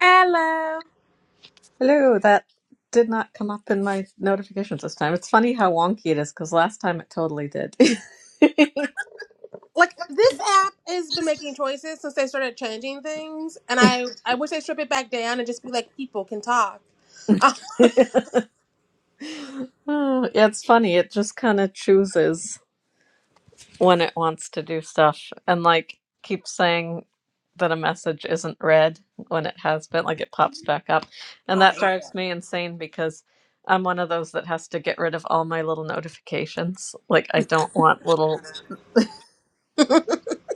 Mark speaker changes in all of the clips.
Speaker 1: Hello.
Speaker 2: Hello, that did not come up in my notifications this time. It's funny how wonky it is because last time it totally did.
Speaker 1: Like this app has been making choices since they started changing things, and I I wish they strip it back down and just be like people can talk. Uh,
Speaker 2: oh, yeah, it's funny. It just kind of chooses when it wants to do stuff and like keeps saying that a message isn't read when it has been, like it pops back up. And
Speaker 1: all
Speaker 2: that
Speaker 1: right.
Speaker 2: drives me insane because I'm one of those that has to get rid of all my little notifications. Like I don't want little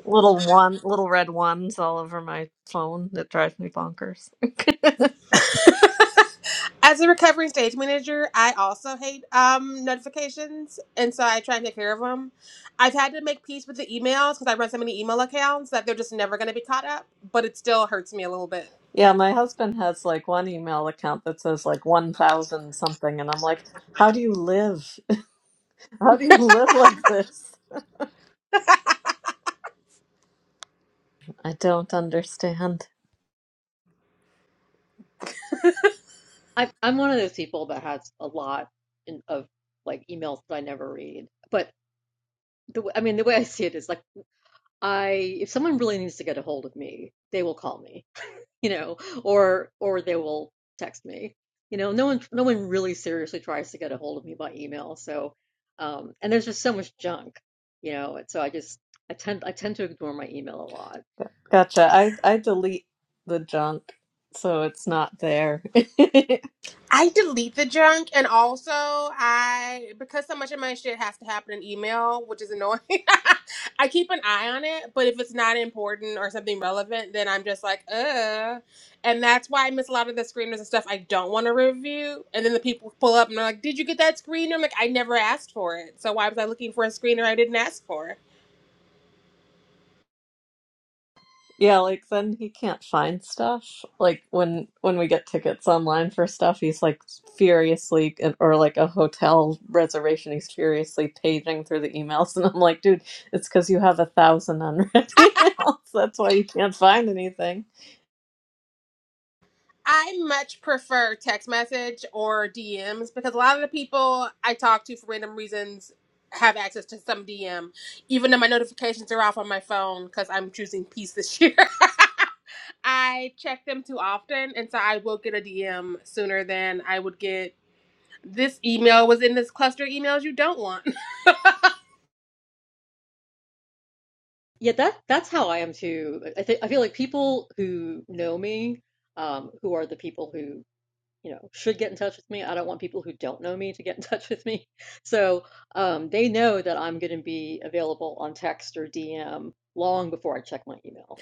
Speaker 2: Little one, little red ones all over my phone that drives me bonkers.
Speaker 1: As a recovering stage manager, I also hate um notifications, and so I try and take care of them. I've had to make peace with the emails because I run so many email accounts that they're just never going to be caught up, but it still hurts me a little bit.
Speaker 2: yeah, my husband has like one email account that says like 1000 something and I'm like, "How do you live? How do you live like this?" I don't understand.
Speaker 3: I, I'm one of those people that has a lot in, of like emails that I never read. But the w- I mean, the way I see it is like I if someone really needs to get a hold of me, they will call me, you know, or or they will text me. You know, no one no one really seriously tries to get a hold of me by email. So, um, and there's just so much junk, you know, and so I just I tend I tend to ignore my email a lot.
Speaker 2: Gotcha. I I delete the junk so it's not there.
Speaker 1: I delete the junk and also I because so much of my shit has to happen in email, which is annoying. I keep an eye on it, but if it's not important or something relevant, then I'm just like, uh and that's why I miss a lot of the screeners and stuff I don't want to review. And then the people pull up and they're like, Did you get that screener? I'm like, I never asked for it. So why was I looking for a screener I didn't ask for?
Speaker 2: Yeah, like then he can't find stuff. Like when when we get tickets online for stuff, he's like furiously or like a hotel reservation, he's furiously paging through the emails and I'm like, dude, it's because you have a thousand unread emails. That's why you can't find anything.
Speaker 1: I much prefer text message or DMs because a lot of the people I talk to for random reasons have access to some DM, even though my notifications are off on my phone because I'm choosing peace this year. I check them too often, and so I will get a DM sooner than I would get. This email was in this cluster of emails you don't want.
Speaker 3: Yeah, that that's how I am too. I think I feel like people who know me um, who are the people who you know, should get in touch with me. I don't want people who don't know me to get in touch with me. So, um, they know that I'm gonna be available on text or DM long before I check my email.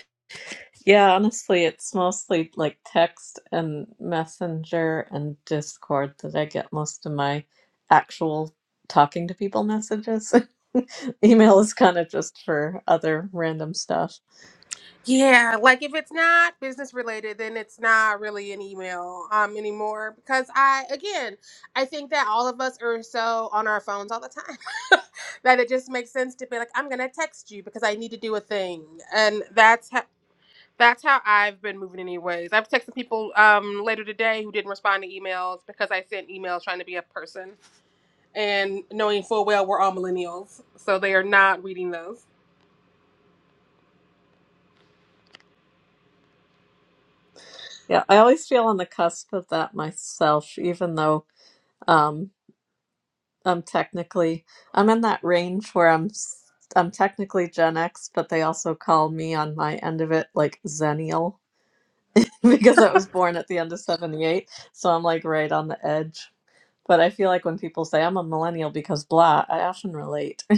Speaker 2: Yeah, honestly, it's mostly like text and Messenger and Discord that I get most of my actual talking to people messages. Email is kind of just for other random stuff.
Speaker 1: Yeah, like if it's not business related, then it's not really an email um anymore because I again, I think that all of us are so on our phones all the time that it just makes sense to be like I'm going to text you because I need to do a thing. And that's how that's how I've been moving anyways. I've texted people um later today who didn't respond to emails because I sent emails trying to be a person and knowing full well we're all millennials, so they are not reading those.
Speaker 2: Yeah, I always feel on the cusp of that myself, even though um, I'm technically I'm in that range where I'm s- I'm technically Gen X, but they also call me on my end of it like Xennial because I was born at the end of '78, so I'm like right on the edge. But I feel like when people say I'm a millennial because blah, I often relate.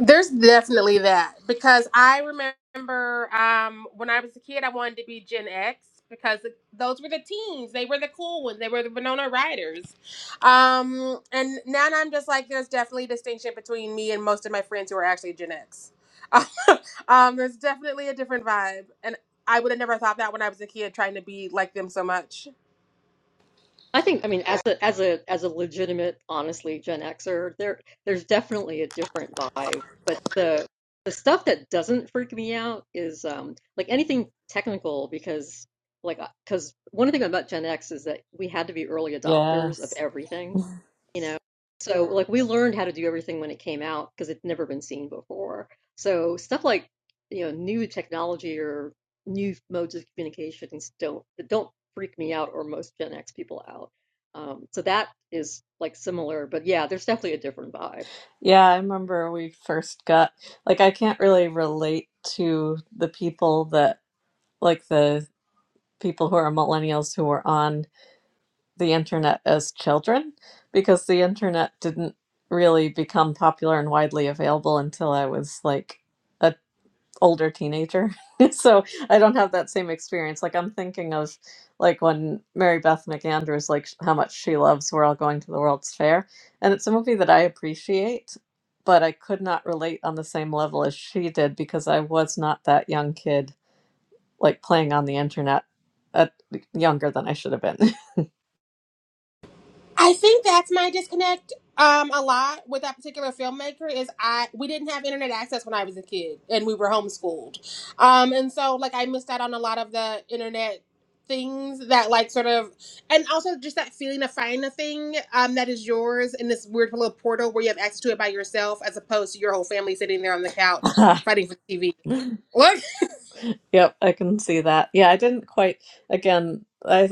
Speaker 1: There's definitely that because I remember um, when I was a kid, I wanted to be Gen X because those were the teens. They were the cool ones. They were the Winona Riders. Um, and now I'm just like, there's definitely a distinction between me and most of my friends who are actually Gen X. um, there's definitely a different vibe, and I would have never thought that when I was a kid, trying to be like them so much.
Speaker 3: I think, I mean, as a as a as a legitimate, honestly, Gen Xer, there there's definitely a different vibe. But the the stuff that doesn't freak me out is um, like anything technical because like because one thing about Gen X is that we had to be early adopters of
Speaker 2: Yes.
Speaker 3: everything you know so like we learned how to do everything when it came out because it'd never been seen before so stuff like you know new technology or new modes of communications don't don't freak me out or most gen x people out um, so that is like similar but yeah there's definitely a different vibe
Speaker 2: Yeah, I remember we first got like I can't really relate to the people that like the people who are millennials who were on the internet as children because the internet didn't really become popular and widely available until I was like a older teenager. so I don't have that same experience. Like I'm thinking of like when Mary Beth McAndrews like how much she loves We're All Going to the World's Fair and it's a movie that I appreciate but I could not relate on the same level as she did because I was not that young kid like playing on the internet at younger than I should have
Speaker 1: I think that's my disconnect um a lot with that particular filmmaker is I we didn't have internet access when I was a kid and we were homeschooled. Um and so like I missed out on a lot of the internet things that like sort of and also just that feeling of finding a thing um that is yours in this weird little portal where you have access to it by yourself as opposed to your whole family sitting there on the couch fighting for TV.
Speaker 2: been. yep, I can see that. Yeah, I didn't quite again, I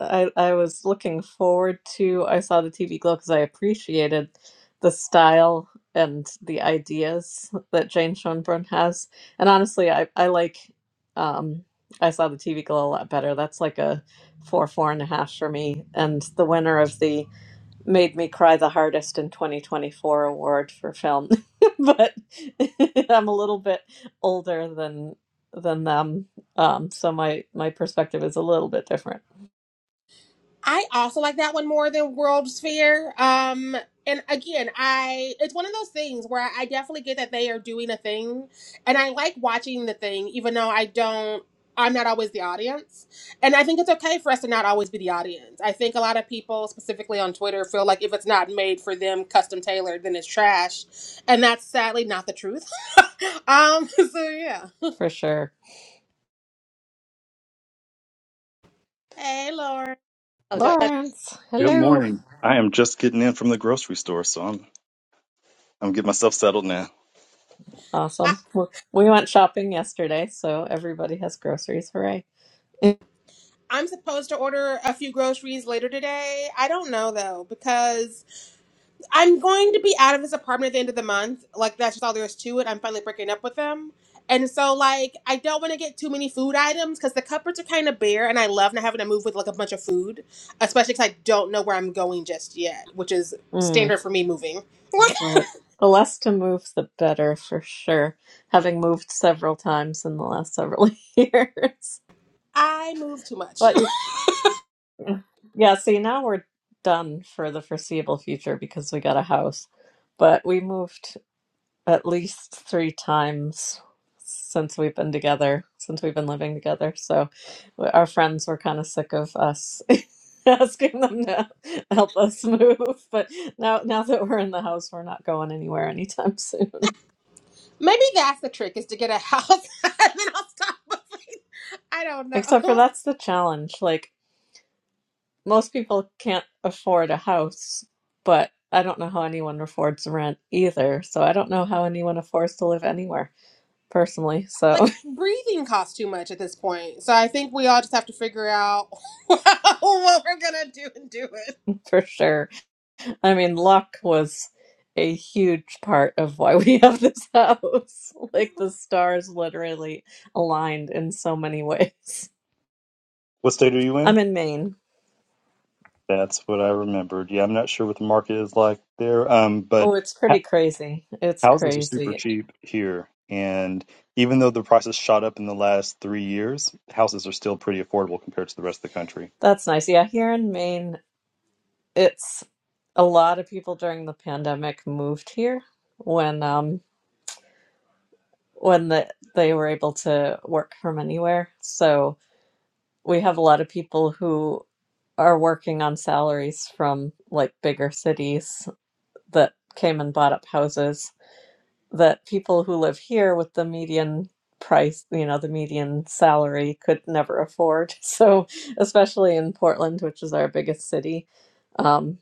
Speaker 2: I I was looking forward to I saw the TV glow because I appreciated the style and the ideas that Jane Schoenbrunn has. And honestly, I I like um I saw the TV glow a lot better. That's like a four, four and a half for me. And the winner of the made me cry the hardest in 2024 award for film but i'm a little bit older than than them um so my my perspective is a little bit different
Speaker 1: I also like that one more than World Sphere. Um, and again, I it's one of those things where I definitely get that they are doing a thing, and I like watching the thing, even though I don't. I'm not always the audience, and I think it's okay for us to not always be the audience. I think a lot of people, specifically on Twitter, feel like if it's not made for them, custom tailored, then it's trash, and that's sadly not the truth. um, so yeah.
Speaker 2: for sure
Speaker 1: Hey, Lauren.
Speaker 3: oh that, that,
Speaker 2: lawrence
Speaker 4: Good
Speaker 2: hello
Speaker 4: morning. I am just getting in from the grocery store, so I'm I'm getting myself settled now.
Speaker 2: awesome we we went shopping yesterday so everybody has groceries hooray mm,
Speaker 1: I'm supposed to order a few groceries later today. I don't know though, because I'm going to be out of this apartment at the end of the month. Like, that's just all there is to it. I'm finally breaking up with them. And so, like, I don't want to get too many food items because the cupboards are kind of bare, and I love not having to move with like a bunch of food, especially because I don't know where I'm going just yet, which is
Speaker 2: well,
Speaker 1: standard for me moving.
Speaker 2: the less to move the better for sure having moved several times in the last several years
Speaker 1: I move too much.
Speaker 2: but Yeah, see, now we're done for the foreseeable future because we got a house. But we moved at least three times since we've been together, since we've been living together. So w- our friends were kind of sick of us asking them to help us move. But now, now that we're in the house, we're not going anywhere anytime soon.
Speaker 1: Maybe that's the trick is to get a house and then I'll stop moving. I don't
Speaker 2: Except for
Speaker 1: know.
Speaker 2: that's the challenge. Like, most people can't afford a house, but I don't know how anyone affords rent either. So I don't know how anyone affords to live anywhere personally. So
Speaker 1: like breathing costs too much at this point. So I think we all just have to figure out what we're gonna do and do it.
Speaker 2: for sure. I mean, luck was a huge part of why we have this house. Like the stars literally aligned in so many ways.
Speaker 4: What state are you
Speaker 2: I'm
Speaker 4: in?
Speaker 2: in Maine.
Speaker 4: That's what I remembered. Yeah, I'm not sure what the market is like there, um,
Speaker 2: Oh,
Speaker 4: but
Speaker 2: it's
Speaker 4: ha-
Speaker 2: pretty crazy. It's
Speaker 4: houses are super
Speaker 2: crazy.
Speaker 4: cheap here, and even though the prices shot up in the last three years, houses are still pretty affordable compared to the rest of the country.
Speaker 2: That's nice. Yeah, here in Maine, it's a lot of people during the pandemic moved here when um when the, they were able to work from anywhere. So we have a lot of people who are working on salaries from like bigger cities that came and bought up houses that people who live here with the median price, you know, the median salary could never afford. So, especially in Portland, which is our biggest city, um,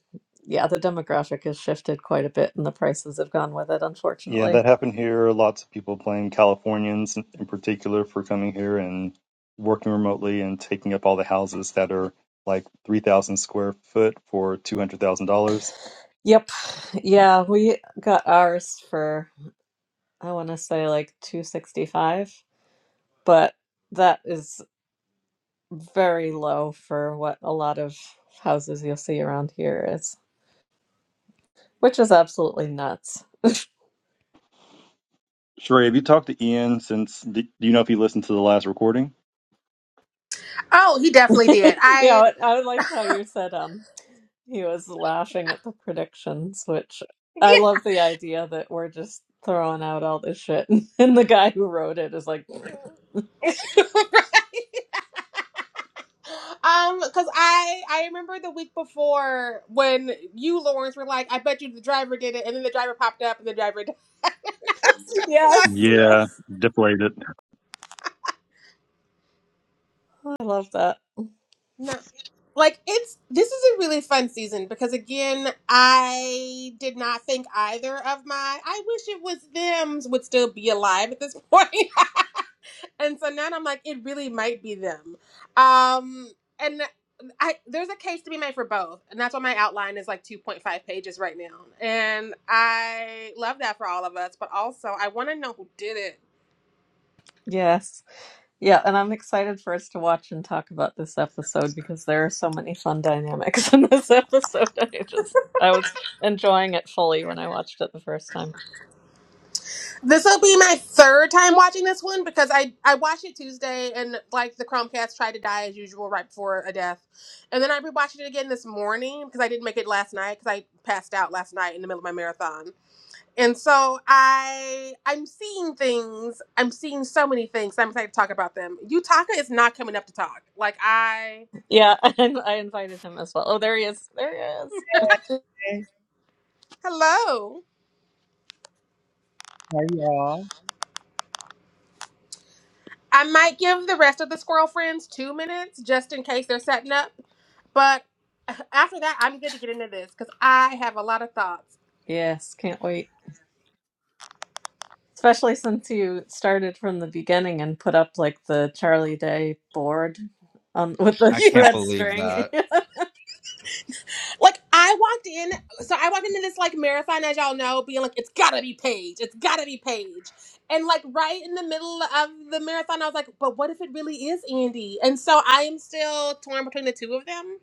Speaker 2: yeah, the demographic has shifted quite a bit and the prices have gone with it,
Speaker 4: Yeah,
Speaker 2: unfortunately.
Speaker 4: that happened here. Lots of people blame Californians in in particular for coming here and working remotely and taking up all the houses that are like 3,000 square foot for $200,000.
Speaker 2: Yep. Yeah, we got ours for I want to say like 265, but that is very low for what a lot of houses you'll see around here is, which is absolutely nuts.
Speaker 4: Sheree, have you talked to Ian since? Do do you know if he listened to the last recording?
Speaker 1: Oh, he definitely did.
Speaker 2: Yeah,
Speaker 1: I
Speaker 2: I I like how you said um he was laughing at the predictions, which I
Speaker 1: yeah.
Speaker 2: love the idea that we're just throwing out all this shit and the guy who wrote it is like,
Speaker 1: Um, because I I remember the week before when you Lawrence were like, I bet you the driver did it, and then the driver popped up and the driver died. I was just
Speaker 2: yes,
Speaker 1: like,
Speaker 2: yes.
Speaker 4: Yeah, deplayed it.
Speaker 2: I love that.
Speaker 1: no. Like it's this is a really fun season because again I did not think either of my I wish it was them would still be alive at this point and so now I'm like, it really might be them. Um, and I there's a case to be made for both, and that's why my outline is like 2.5 pages right now. And I love that for all of us, but also I want to know who did it.
Speaker 2: Yes. Yeah, and I'm excited for us to watch and talk about this episode because there are so many fun dynamics in this episode. I just I was enjoying it fully when I watched it the first time.
Speaker 1: This will be my third time watching this one because I I watched it Tuesday and like the Chromecast tried to die as usual right before a death, and then I rewatched it again this morning because I didn't make it last night because I passed out last night in the middle of my marathon. and so i i'm seeing things i'm seeing so many things i'm excited to talk about them utaka is not coming up to talk like i
Speaker 2: Yeah, and I invited him as well. Oh, there he is. There he is.
Speaker 5: Hey.
Speaker 1: hello
Speaker 5: How y'all?
Speaker 1: i might give the rest of the squirrel friends two minutes just in case they're setting up but uh, after that i'm good to get into this because i have a lot of thoughts
Speaker 2: Yes, can't wait. Especially since you started from the beginning and put up like the Charlie Day board um, with the
Speaker 5: I can't
Speaker 2: red
Speaker 5: believe
Speaker 2: string.
Speaker 5: that.
Speaker 1: like I walked in, so I walked into this like marathon, as y'all know, being like, it's gotta be Paige, it's gotta be Paige, and like right in the middle of the marathon, I was like, but what if it really is Andy? And so I am still torn between the two of them.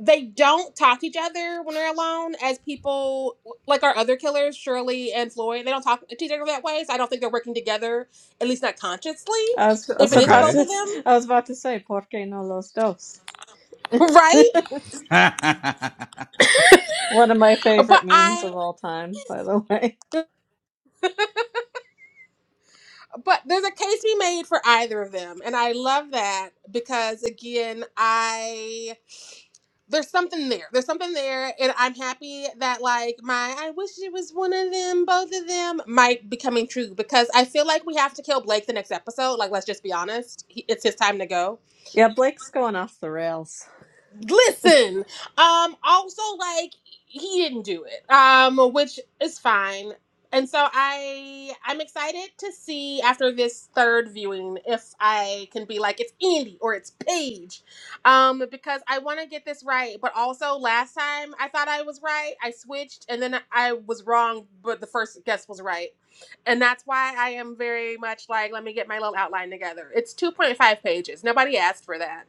Speaker 1: They don't talk to each other when they're alone, as people like our other killers, Shirley and Floyd, they don't talk to each other that way. So I don't think they're working together, at least not consciously.
Speaker 2: I was, I
Speaker 1: If
Speaker 2: was
Speaker 1: it is
Speaker 2: about
Speaker 1: both
Speaker 5: Okay.
Speaker 2: to
Speaker 1: of them,
Speaker 2: I was about to say "Por qué no los dos?"
Speaker 1: right?
Speaker 5: yep.
Speaker 2: One of my
Speaker 1: But
Speaker 2: favorite memes
Speaker 1: I
Speaker 2: of all time, by the way.
Speaker 1: but there's a case to be made for either of them and i love that because again i there's something there there's something there and i'm happy that like my i wish it was one of them both of them might be coming true because i feel like we have to kill blake the next episode like let's just be honest he, it's his time to go
Speaker 2: Yeah, Blake's going off the rails.
Speaker 1: listen um also like he didn't do it um which is fine and so i i'm excited to see after this third viewing if i can be like it's andy or it's paige um because i want to get this right but also last time i thought i was right i switched and then i was wrong but the first guess was right and that's why i am very much like let me get my little outline together it's 2.5 pages nobody asked for that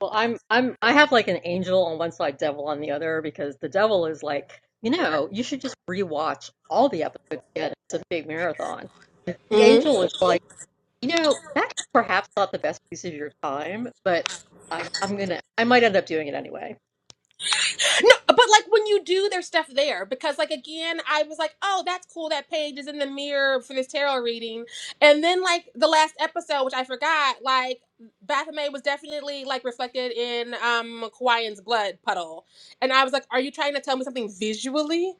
Speaker 3: well i'm i'm i have like an angel on one side devil on the other because the devil is like you know you should just rewatch all the episodes again. it's a big marathon the angel is like You know, that's perhaps not the best use of your time, but I, I'm gonna, I might end up doing it anyway.
Speaker 1: No, but like when you do there's stuff there, because like again, I was like, oh, that's cool. That page is in the mirror for this tarot reading, and then like the last episode, which I forgot, like Baphomet was definitely like reflected in um Kawaiian's blood puddle, and I was like, are you trying to tell me something visually?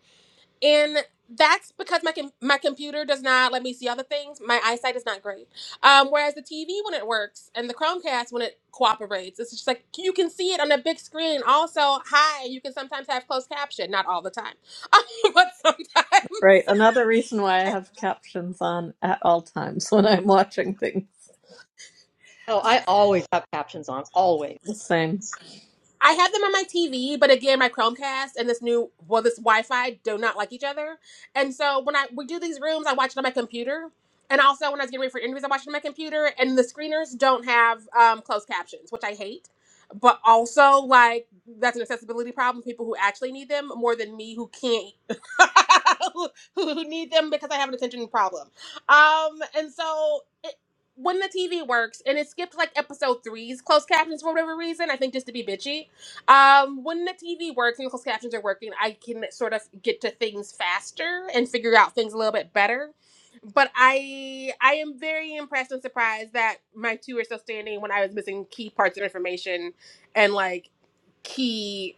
Speaker 1: and that's because my com- my computer does not let me see other things. My eyesight is not great. Um, whereas the TV when it works and the Chromecast when it cooperates, it's just like you can see it on a big screen. Also, hi, you can sometimes have closed caption, not all the time, but sometimes.
Speaker 2: Right, another reason why I have captions on at all times when I'm watching things.
Speaker 3: Oh, I always have captions on, always.
Speaker 2: Same.
Speaker 1: I have them on my TV, but again, my Chromecast and this new, well, this Wi-Fi do not like each other. And so when I we do these rooms, I watch it on my computer. And also when I was getting ready for interviews, I watched it on my computer. And the screeners don't have um, closed captions, which I hate. But also, like that's an accessibility problem. People who actually need them more than me, who can't, who, who need them because I have an attention problem. Um, and so it, when the TV works and it skipped like episode three's closed captions for whatever reason, I think just to be bitchy um, when the TV works and the closed captions are working, I can sort of get to things faster and figure out things a little bit better. But I I am very impressed and surprised that my two are still standing when I was missing key parts of information and like key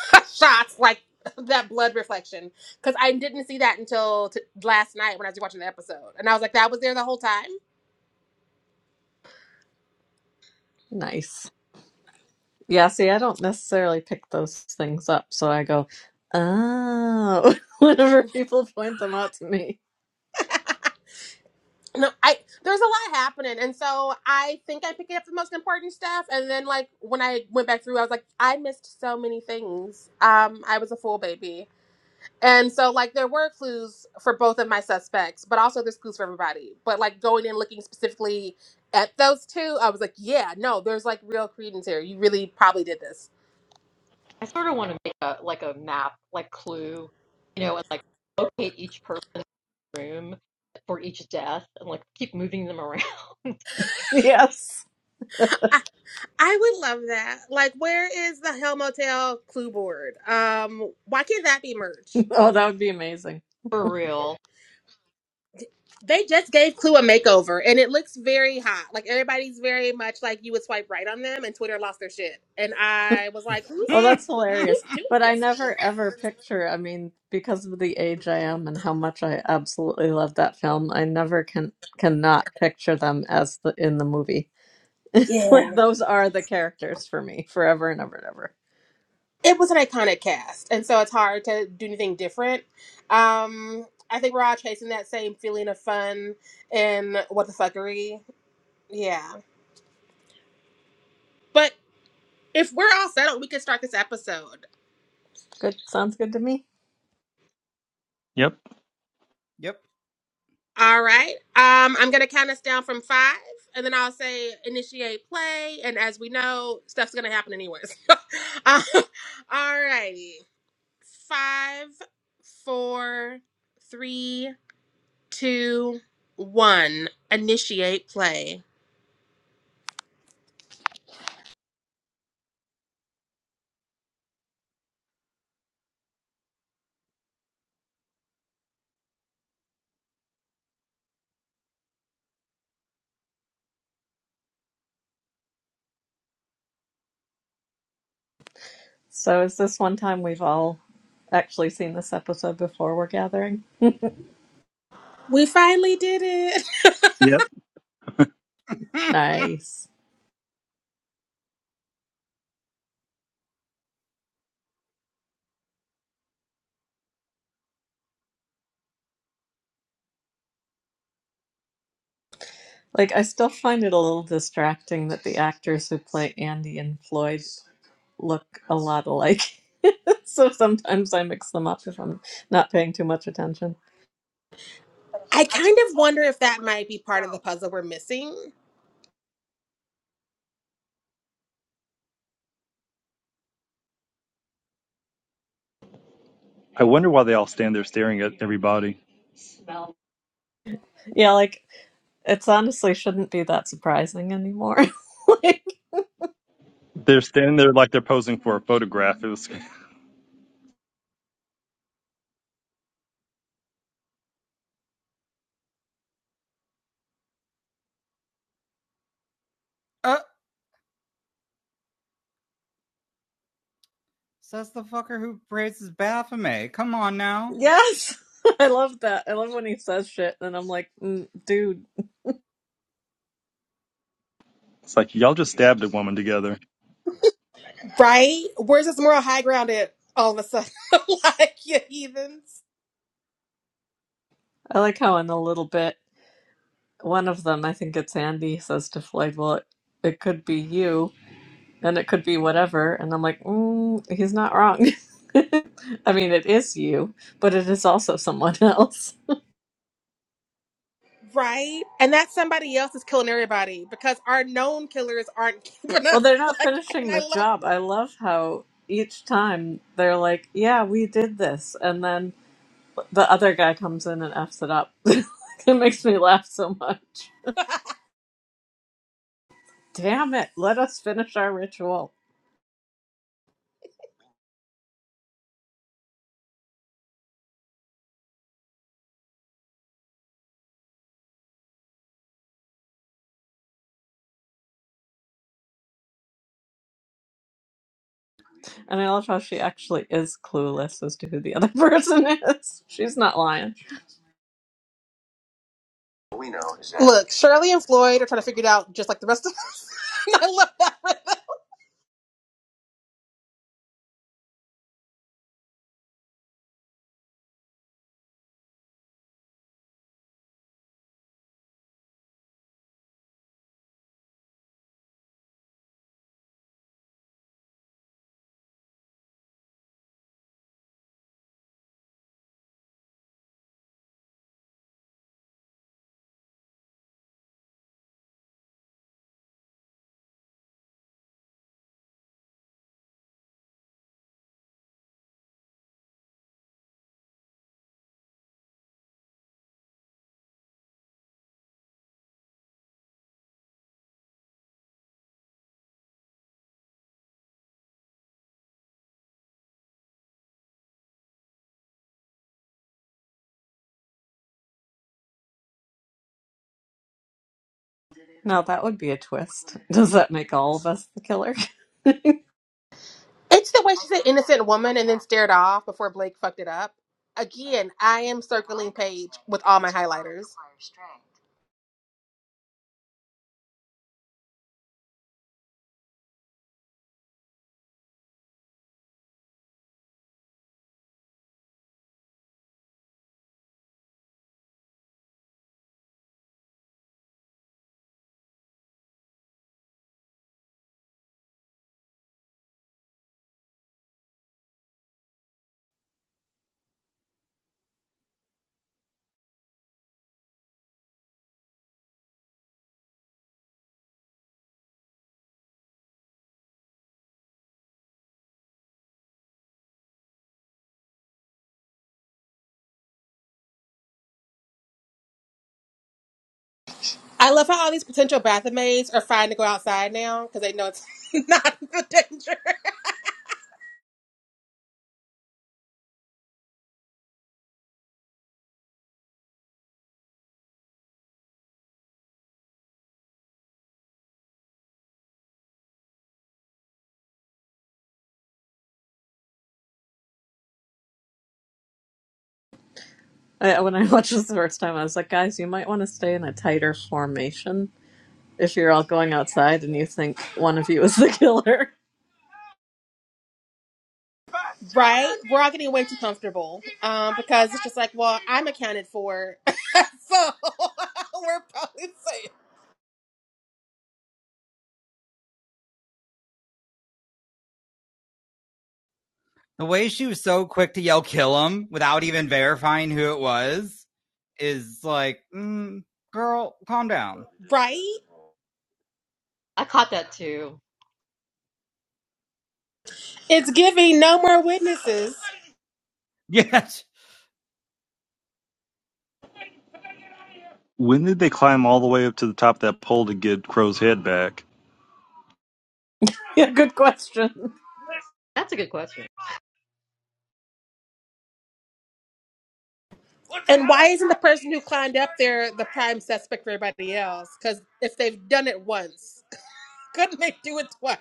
Speaker 1: shots like that blood reflection because I didn't see that until t- last night when I was watching the episode and I was like that was there the whole time
Speaker 2: Nice. Yeah, see, I don't necessarily pick those things up, so I go, oh, whenever people point them out to me.
Speaker 1: no, I there's a lot happening, and so I think I picked up the most important stuff. And then, like when I went back through, I was like, I missed so many things. Um, I was a full baby, and so like there were clues for both of my suspects, but also there's clues for everybody. But like going in looking specifically at those two, I was like, yeah, no, there's like real credence here. You really probably did this.
Speaker 3: I sort of want to make a like a map, like Clue, you know, and like locate each person's room for each death and like keep moving them around
Speaker 2: Yes.
Speaker 1: I, I would love that. Like, where is the Hell Motel clue board? Um, why can't that be merch?
Speaker 2: Oh, that would be amazing.
Speaker 3: for real.
Speaker 1: They just gave Clue a makeover and it looks very hot. Like everybody's very much like you would swipe right on them and Twitter lost their shit. And I was like,
Speaker 2: Oh,
Speaker 1: who's?
Speaker 2: that's hilarious. But I never ever picture, I mean, because of the age I am and how much I absolutely love that film, I never can cannot picture them as the in the movie. Like
Speaker 1: Yeah.
Speaker 2: those are the characters for me forever and ever and ever.
Speaker 1: It was an iconic cast. And so it's hard to do anything different. Um, I think we're all chasing that same feeling of fun and what the fuckery. Yeah. But if we're all settled, we can start this episode.
Speaker 2: Good, sounds good to me.
Speaker 4: Yep.
Speaker 1: All right. Um, I'm gonna count us down from five, and then I'll say initiate play. And as we know, stuff's gonna happen anyways. uh, all righty. Five, four, three, two, one. Initiate play.
Speaker 2: So is this one time we've all actually seen this episode before we're gathering?
Speaker 1: We finally did it.
Speaker 4: Yep.
Speaker 2: Nice. Like I still find it a little distracting that the actors who play Andy and Floyd look a lot alike. so sometimes I mix them up if I'm not paying too much attention.
Speaker 1: I kind of wonder if that might be part of the puzzle we're missing,
Speaker 4: I wonder why they all stand there staring at everybody.
Speaker 2: Yeah, like it's honestly shouldn't be that surprising anymore. like,
Speaker 4: They're standing there like they're posing for a photograph. It was,
Speaker 5: uh, says the fucker who praises Baphomet. Come on now.
Speaker 2: yes. I love that. I love when he says shit and I'm like, mm, dude,
Speaker 4: it's like y'all just stabbed a woman together.
Speaker 1: right? Where's this moral high ground at all of a sudden? like, you heathens.
Speaker 2: I like how in a little bit one of them, I think it's Andy, says to Floyd, "Well, it, it could be you, and it could be whatever." And I'm like, mm, "He's not wrong. I mean, it is you, but it is also someone else."
Speaker 1: Right? And that somebody else is killing everybody because our known killers aren't keeping
Speaker 2: Well,
Speaker 1: up.
Speaker 2: they're not
Speaker 1: Like, and
Speaker 2: finishing
Speaker 1: I
Speaker 2: the
Speaker 1: love
Speaker 2: job. I love how each time they're like, "Yeah, we did this," and then the other guy comes in and f's it up. it makes me laugh so much. Damn it! Let us finish our ritual. And I love how she actually is clueless as to who the other person is. She's not lying.
Speaker 1: Look, Shirley and Floyd are trying to figure it out just like the rest of them. I love that.
Speaker 2: Now that would be a twist. Does that make all of us the killer?
Speaker 1: It's the way she said innocent woman and then stared off before Blake fucked it up. Again, I am circling page with all my highlighters. I love how all these potential Bathemaids are fine to go outside now because they know it's not the danger.
Speaker 2: I, when I watched this the first time, I was like, guys, you might want to stay in a tighter formation if you're all going outside and you think one of you is the killer.
Speaker 1: Right? We're all getting way too comfortable um, because it's just like, well, I'm accounted for. So we're probably safe.
Speaker 5: The way she was so quick to yell kill him without even verifying who it was is like, mm, girl, calm down.
Speaker 1: Right?
Speaker 3: I caught that too.
Speaker 1: It's giving no more witnesses.
Speaker 5: Yes.
Speaker 4: When did they climb all the way up to the top of that pole to get Crow's head back?
Speaker 2: yeah, good question.
Speaker 3: That's a good question.
Speaker 1: And why isn't the person who climbed up there the prime suspect for everybody else? Because if they've done it once, couldn't they do it twice?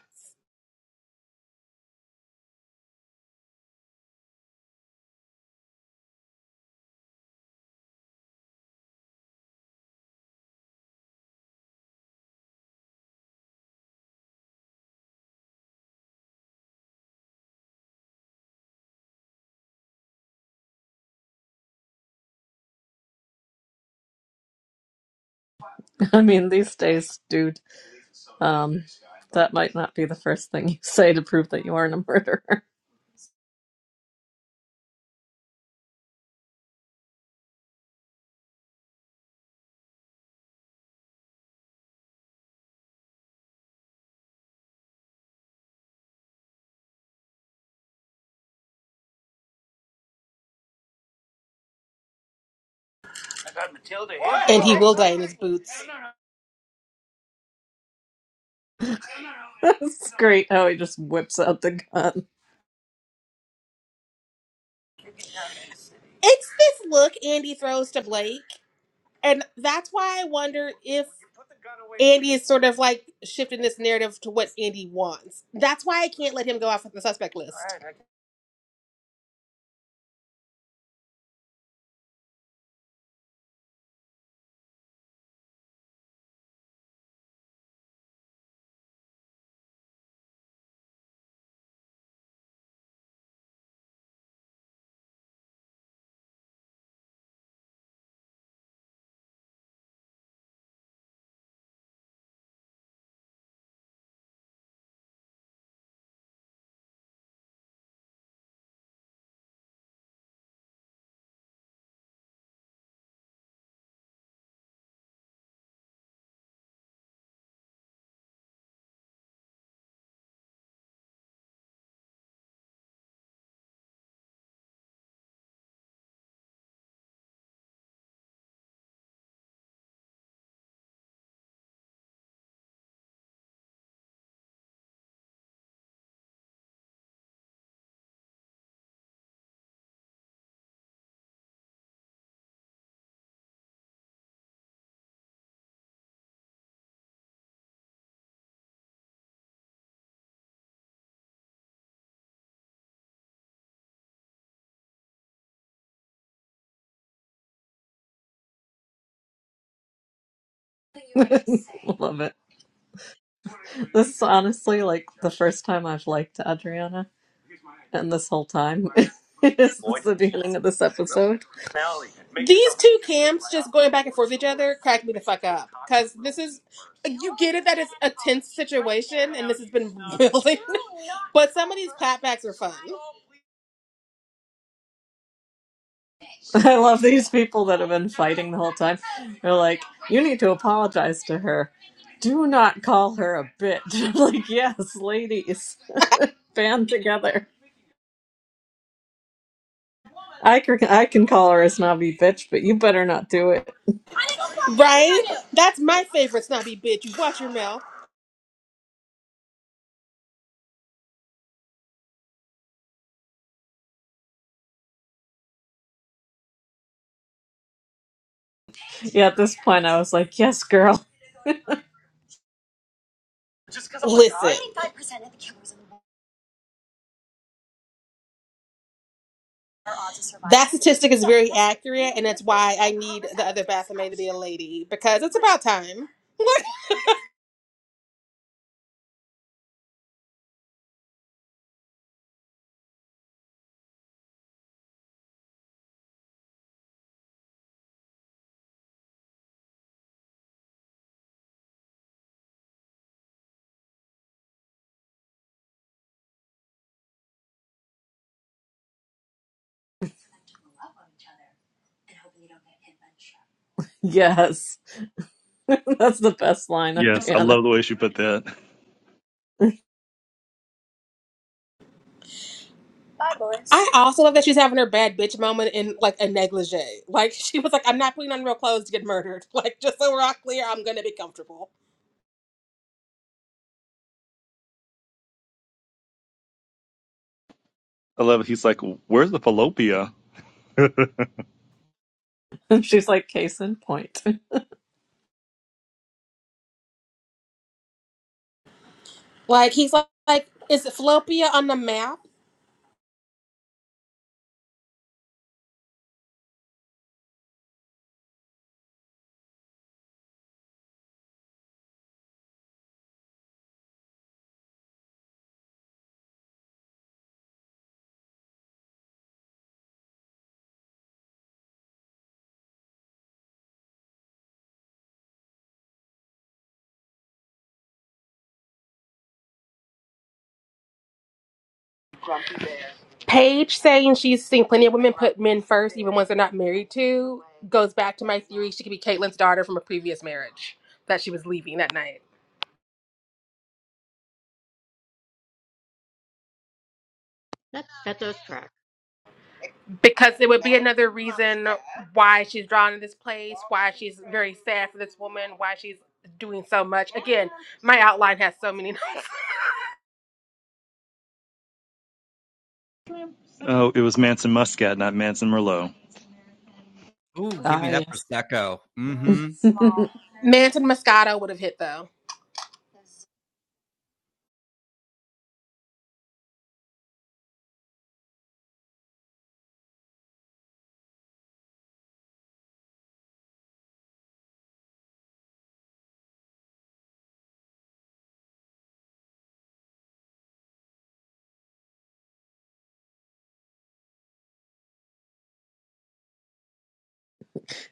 Speaker 2: I mean, these days, dude, um, that might not be the first thing you say to prove that you aren't a murderer.
Speaker 1: I got Matilda. here. And he will die in his boots.
Speaker 2: It's great how he just whips out the gun.
Speaker 1: It's this look Andy throws to Blake. And that's why I wonder if Andy is sort of like shifting this narrative to what Andy wants. That's why I can't let him go off with the suspect list.
Speaker 2: Love it. This is honestly like the first time I've liked Adriana, and this whole time is the beginning of this episode.
Speaker 1: These two camps just going back and forth with each other crack me the fuck up. Because this is, you get it that it's a tense situation and this has been building, but some of these clapbacks are fun.
Speaker 2: I love these people that have been fighting the whole time. They're like, "You need to apologize to her. Do not call her a bitch." I'm like, yes, ladies, band together. I can I can call her a snobby bitch, but you better not do it.
Speaker 1: Right? That's my favorite snobby bitch. You watch your mouth.
Speaker 2: Yeah, at this point, I was like, "Yes, girl,
Speaker 1: Listen, that statistic is very accurate, and that's why I need the other Baphomet to be a lady because it's about time.
Speaker 2: yes." That's the best line,
Speaker 4: Yes, I
Speaker 2: Adriana.
Speaker 4: love the way she put that.
Speaker 1: I also love that she's having her bad bitch moment in like a negligee. Like she was like, "I'm not putting on real clothes to get murdered." Like just so we're all clear, I'm gonna be comfortable.
Speaker 4: I love it. He's like, "Where's the fallopia?"
Speaker 2: And she's like, "Case in point."
Speaker 1: Like he's like, like is Fallopia on the map? Paige saying she's seen plenty of women put men first, even ones they're not married to, goes back to my theory. She could be Caitlyn's daughter from a previous marriage that she was leaving that night.
Speaker 3: That that does track.
Speaker 1: because it would be another reason why she's drawn to this place, why she's very sad for this woman, why she's doing so much. Again, my outline has so many.
Speaker 4: oh, it was Manson Muscat, not Manson Merlot.
Speaker 5: Ooh, give me that
Speaker 2: I.
Speaker 5: Prosecco. Mm-hmm.
Speaker 2: it
Speaker 1: Manton Moscato would have hit though.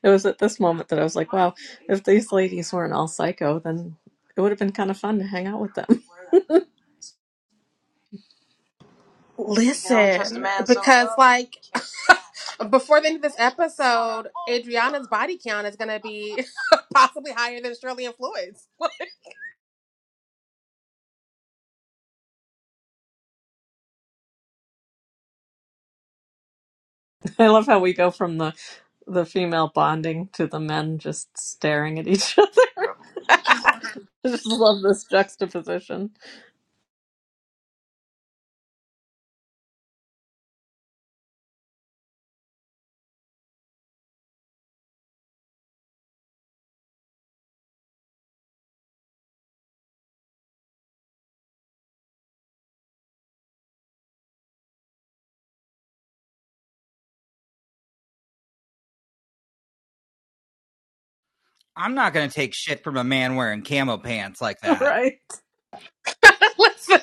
Speaker 2: was at this moment that I was like, wow, if these ladies weren't all psycho, then it would have been kind of fun to hang out with them.
Speaker 1: Listen, because like before the end of this episode, Adriana's body count is gonna be possibly higher than Shirley and Floyd's.
Speaker 2: I love how we go from the the female bonding to the men just staring at each other. I just love this juxtaposition.
Speaker 5: I'm not going to take shit from a man wearing camo pants like that.
Speaker 2: Right.
Speaker 1: Listen,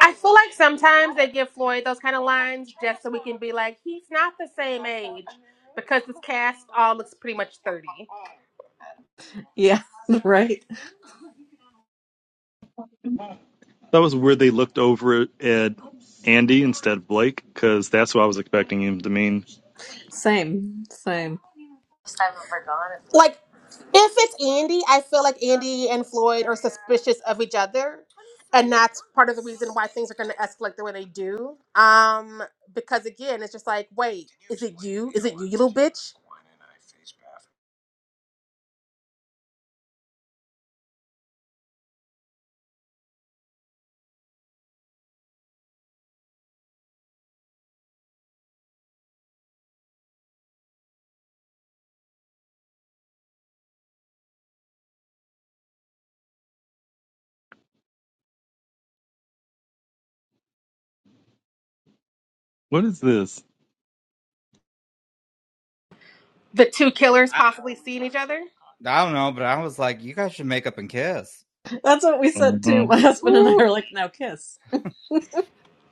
Speaker 1: I feel like sometimes they give Floyd those kind of lines just so we can be like, he's not the same age because this cast all looks pretty much thirty.
Speaker 2: Yeah. Right.
Speaker 4: That was where they looked over at Andy instead of Blake, because that's what I was expecting him to mean.
Speaker 2: Same. Same.
Speaker 1: Like, if it's Andy, I feel like Andy and Floyd are suspicious of each other, and that's part of the reason why things are going to escalate the way they do. Um, because again, it's just like, wait, is it you? Is it you, you little bitch?
Speaker 4: What is this?
Speaker 1: The two killers possibly seeing each other.
Speaker 5: I don't know, but I was like, you guys should make up and kiss.
Speaker 2: That's what we said
Speaker 4: hmm
Speaker 2: too. My husband and I
Speaker 5: Woo!
Speaker 2: are like, now kiss.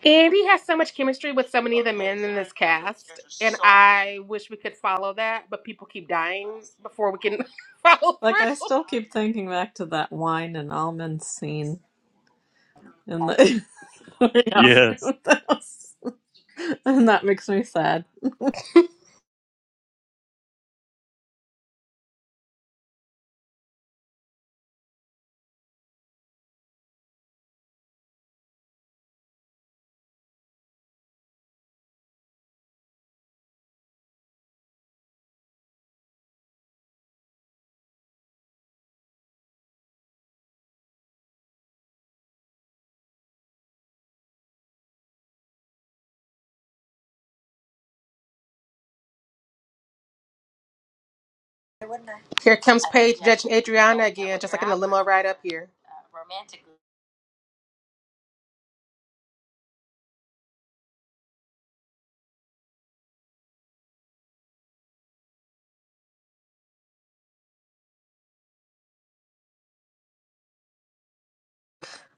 Speaker 1: Andy has so much chemistry with so many of the men in this cast, and I wish we could follow that, but people keep dying before we can follow
Speaker 2: Like I
Speaker 1: through.
Speaker 2: still keep thinking back to that wine and almond scene in the, in
Speaker 4: Yes.
Speaker 2: the house. and that makes me sad.
Speaker 1: Here comes Paige judging Adriana again, just like in the limo ride up here.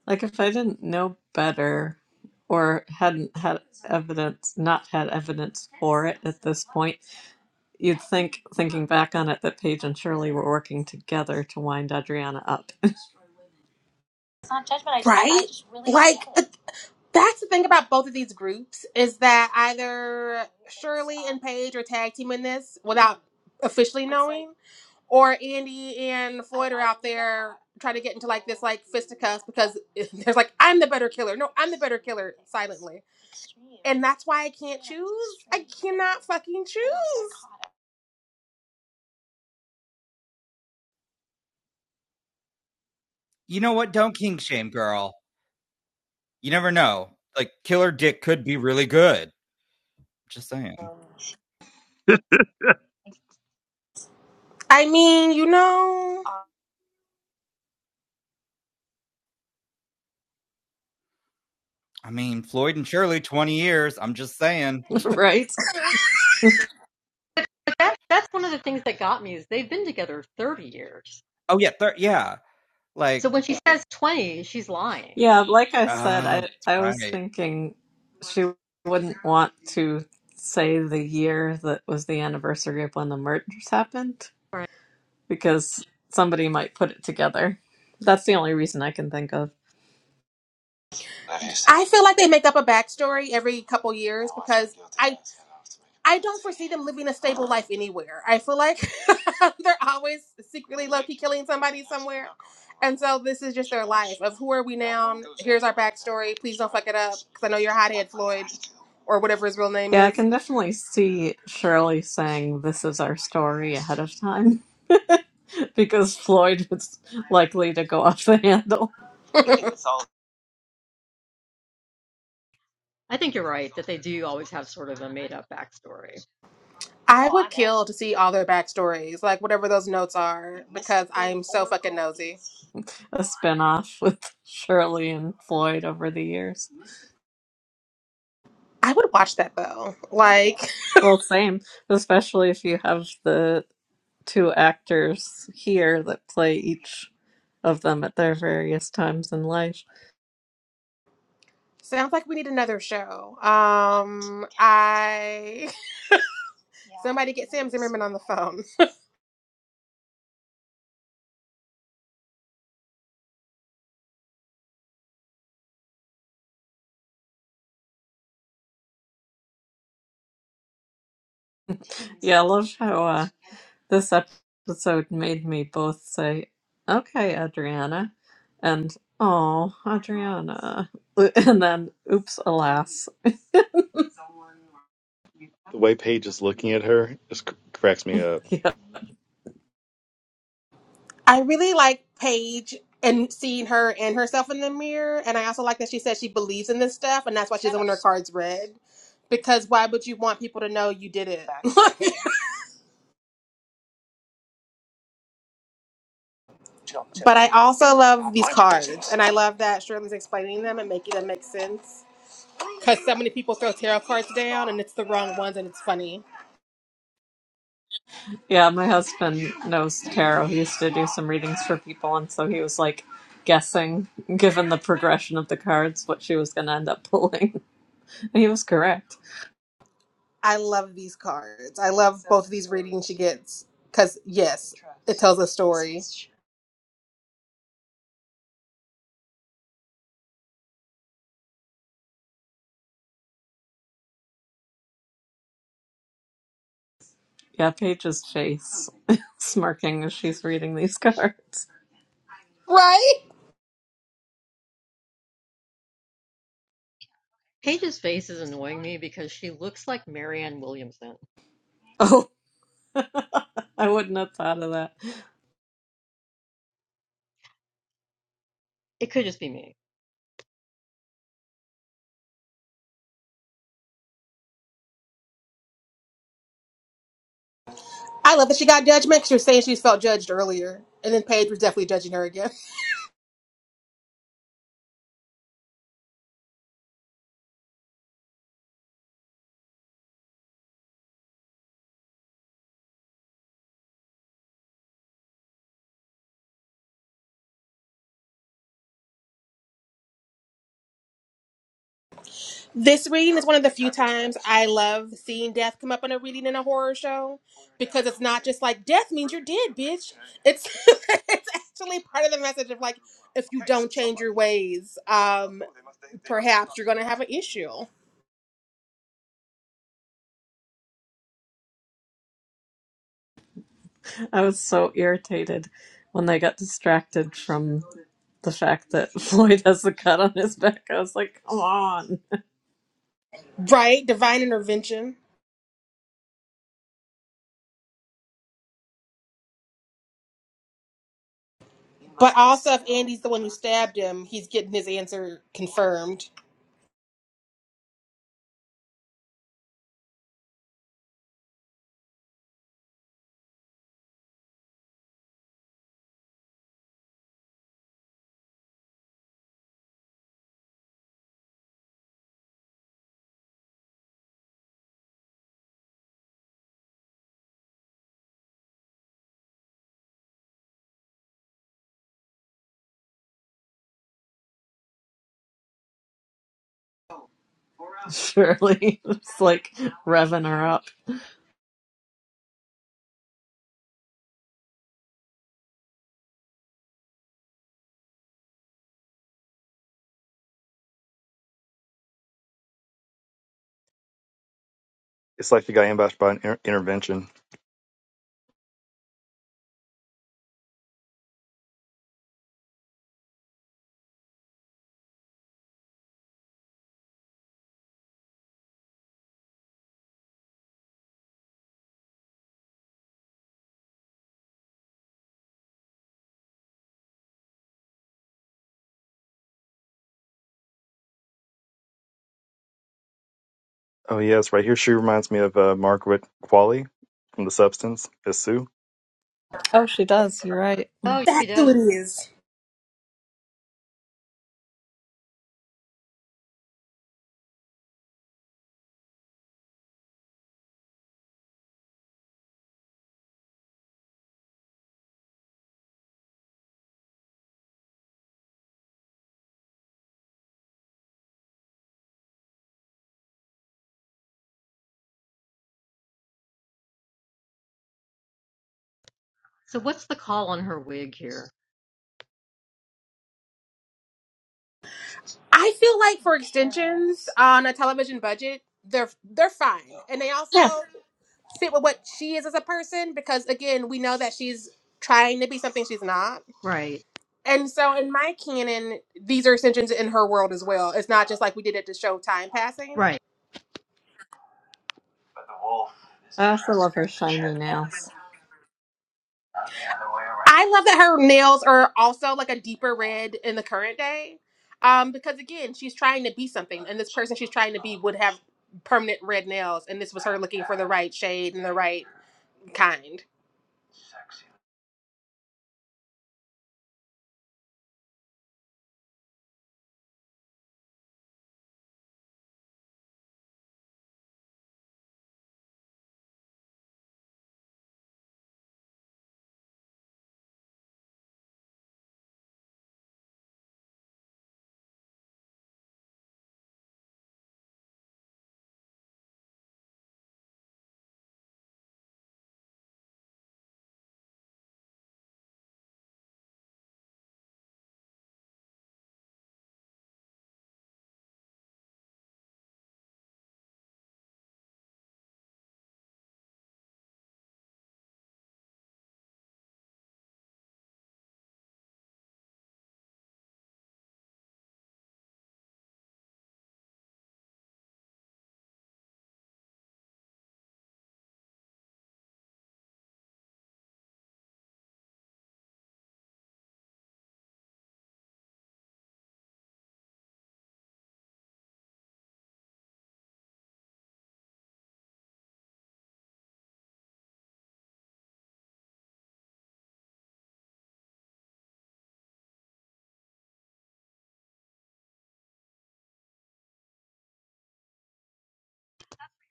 Speaker 2: Like if I didn't know better or hadn't had evidence, not had evidence for it at this point, you'd think, thinking back on it, that Paige and Shirley were working together to wind Adriana up,
Speaker 1: It's not judgment. I just, right? I just really Like uh, that's the thing about both of these groups is that either Shirley and Paige are tag teaming this without officially knowing, or Andy and Floyd are out there trying to get into like this like fisticuffs because there's like I'm the better killer. No, I'm the better killer silently. And that's why I can't choose. I cannot fucking choose.
Speaker 5: You know what? Don't kink shame, girl. You never know. Like, killer dick could be really good. Just saying.
Speaker 4: the
Speaker 1: I mean, you know.
Speaker 5: I mean, Floyd and Shirley, 20 years. I'm just saying.
Speaker 2: right?
Speaker 3: But that that's one of the things that got me is they've been together 30 years.
Speaker 5: Oh, yeah. Thir- yeah.
Speaker 3: So
Speaker 5: Like,
Speaker 3: when she says 20, she's lying,
Speaker 2: Yeah, like I
Speaker 5: oh,
Speaker 2: said, I
Speaker 5: that's
Speaker 2: I was
Speaker 5: right.
Speaker 2: thinking she wouldn't want to say the year that was the anniversary of when the murders happened
Speaker 3: Right.
Speaker 2: because somebody might put it together. That's the only reason I can think of.
Speaker 1: I feel like they make up a backstory every couple years because I I don't foresee them living a stable life anywhere. I feel like they're always secretly low key killing somebody somewhere. And so this is just their life of who are we now? Here's our backstory. Please don't fuck it up because I know you're a hothead, Floyd, or whatever his real name
Speaker 2: Yeah, I
Speaker 1: is.
Speaker 2: can definitely see Shirley saying this is our story ahead of time because Floyd was likely to go off the handle,
Speaker 3: I think you're right that they do always have sort of a made up backstory.
Speaker 1: I would kill to see all their backstories, like whatever those notes are, because I'm so fucking nosy.
Speaker 2: a spinoff with Shirley and Floyd over the years.
Speaker 1: I would watch that though. Like,
Speaker 2: Well, same, especially if you have the two actors here that play each of them at their various times in life.
Speaker 1: Sounds like we need another show. Um, I somebody get Sam Zimmerman on the phone.
Speaker 2: Yeah, I love how uh, this episode made me both say, okay, Adriana, and oh, Adriana, and then oops, alas.
Speaker 4: way Paige is looking at her just cr- cracks me up.
Speaker 2: Yeah,
Speaker 1: I really like Paige and seeing her and herself in the mirror, and I also like that she says she believes in this stuff, and that's why she's does her cards red. Because why would you want people to know you did it? but I also love these cards, and I love that Shirley's explaining them and making them make sense. Because so many people throw tarot cards down, and it's the wrong ones, and it's funny.
Speaker 2: yeah, my husband knows tarot. He used to do some readings for people, and so he was like guessing, given the progression of the cards, what she was going to end up pulling. he was correct.
Speaker 1: I love these cards. I love both of these readings she gets because yes, it tells a story.
Speaker 2: Yeah, Paige's face smirking as she's reading these cards.
Speaker 1: Right?
Speaker 3: Paige's face is annoying me because she looks like Marianne Williamson.
Speaker 2: Oh, I wouldn't have thought of that.
Speaker 3: It could just be me.
Speaker 1: I love that she got judgment because she was saying she's felt judged earlier, and then Paige was definitely judging her again. This reading is one of the few times I love seeing death come up in a reading in a horror show because it's not just like death means you're dead, bitch. It's it's actually part of the message of like if you don't change your ways, um, perhaps you're gonna have an issue,
Speaker 2: I was so irritated when they got distracted from the fact that Floyd has the cut on his back. I was like, come on.
Speaker 1: right? Divine intervention. But also, if Andy's the one who stabbed him, he's getting his answer confirmed.
Speaker 2: Shirley! it's like revving her up.
Speaker 4: It's like the guy ambushed by an inter- intervention. Oh, yes, right here. She reminds me of uh, Margaret Qualley from The Substance as Sue.
Speaker 2: Oh, she does. You're right.
Speaker 3: Oh, she
Speaker 1: That's who
Speaker 3: does.
Speaker 1: it is.
Speaker 3: So what's the call on her wig here?
Speaker 1: I feel like for extensions on a television budget, they're they're fine, and they also
Speaker 2: Yeah.
Speaker 1: fit with what she is as a person because again, we know that she's trying to be something she's not.
Speaker 3: Right,
Speaker 1: And so in my canon, these are extensions in her world as well. It's not just like we did it to show time passing.
Speaker 3: right.
Speaker 2: I also love her shiny nails.
Speaker 1: I love that her nails are also like a deeper red in the current day. Um, because again, she's trying to be something, and this person she's trying to be would have permanent red nails, and this was her looking for the right shade and the right kind.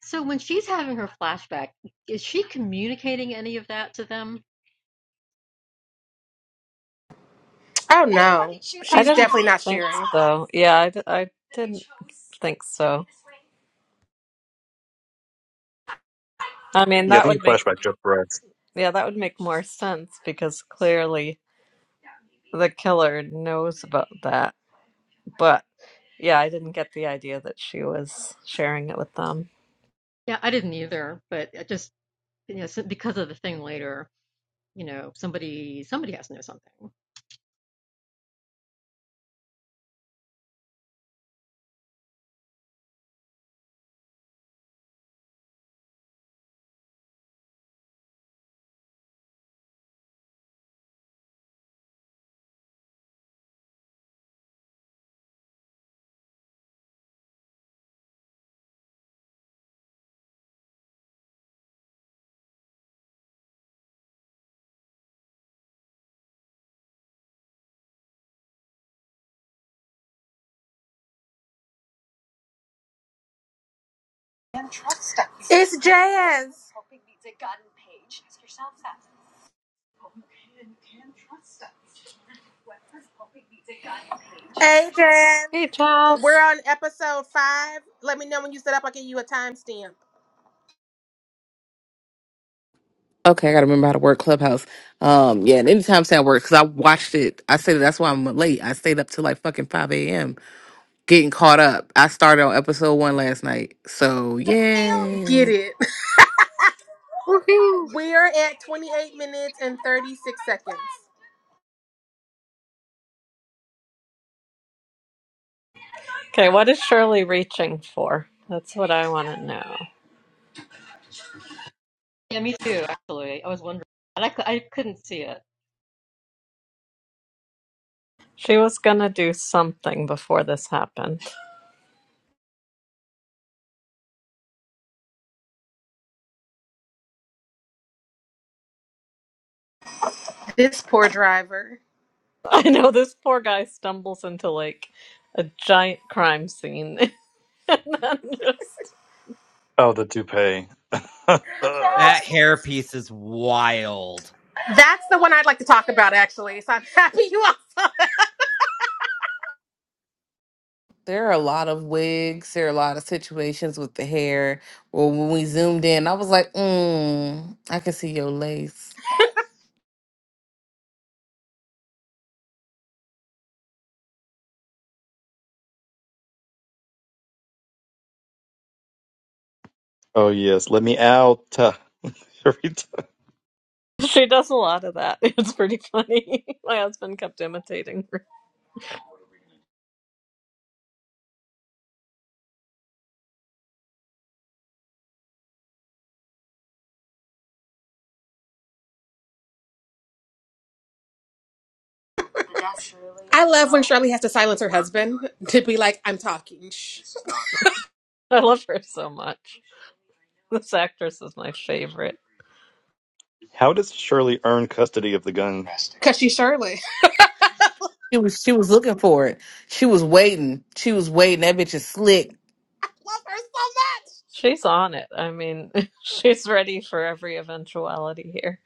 Speaker 3: So when she's having her flashback, is she communicating any of that to them?
Speaker 1: Oh no,
Speaker 2: I
Speaker 1: she's
Speaker 2: didn't
Speaker 1: definitely not
Speaker 2: think
Speaker 1: sharing.
Speaker 2: so. Yeah, I, d- I didn't think so. I mean,
Speaker 4: Yeah, I
Speaker 2: that
Speaker 4: think
Speaker 2: would
Speaker 4: the
Speaker 2: make
Speaker 4: flashback just for us.
Speaker 2: yeah, that would make more sense because clearly the killer knows about that. but. Yeah, I didn't get the idea that she was sharing it with them.
Speaker 3: Yeah, I didn't either, but it just you know, so- because of the thing later, you know, somebody somebody has to know something.
Speaker 1: It's Jazz. Hey Jazz,
Speaker 2: Hey,
Speaker 1: we're
Speaker 2: Charles.
Speaker 1: on episode five. Let me know when you set up. I'll give you a timestamp.
Speaker 6: Okay, I gotta remember how to work Clubhouse. Um, yeah, and anytime Sam works, because I watched it. I say that's why I'm late. I stayed up till like fucking five a.m. getting caught up. I started on episode one last night, so
Speaker 1: Get
Speaker 6: yeah.
Speaker 1: it.
Speaker 2: Woohoo!
Speaker 1: We're at 28 minutes and 36 seconds.
Speaker 2: Okay, what is Shirley reaching for? That's what I want to know.
Speaker 3: Yeah, me too. Actually, I was wondering, and I, I couldn't see it.
Speaker 2: She was going to do something before this happened.
Speaker 1: This poor driver.
Speaker 2: I know this poor guy stumbles into like a giant crime scene and then just.
Speaker 4: Oh, the toupee. oh,
Speaker 5: That hair piece is wild.
Speaker 1: That's the one I'd like to talk about, actually. So I'm happy you all.
Speaker 6: There are a lot of wigs. There are a lot of situations with the hair. Well, when we zoomed in, I was like, mm, I can see your lace.
Speaker 4: yes, let me out.
Speaker 2: She does a lot of that. It's pretty funny. My husband kept imitating her.
Speaker 1: I love when Shirley has to silence her husband to be like, "I'm talking,"
Speaker 2: I love her so much. This actress is my favorite.
Speaker 4: How does Shirley earn custody of the gun?
Speaker 1: because she's Shirley.
Speaker 6: She was she was looking for it. She was waiting. She was waiting. That bitch is slick.
Speaker 1: I love her so much.
Speaker 2: She's on it. I mean, she's ready for every eventuality here.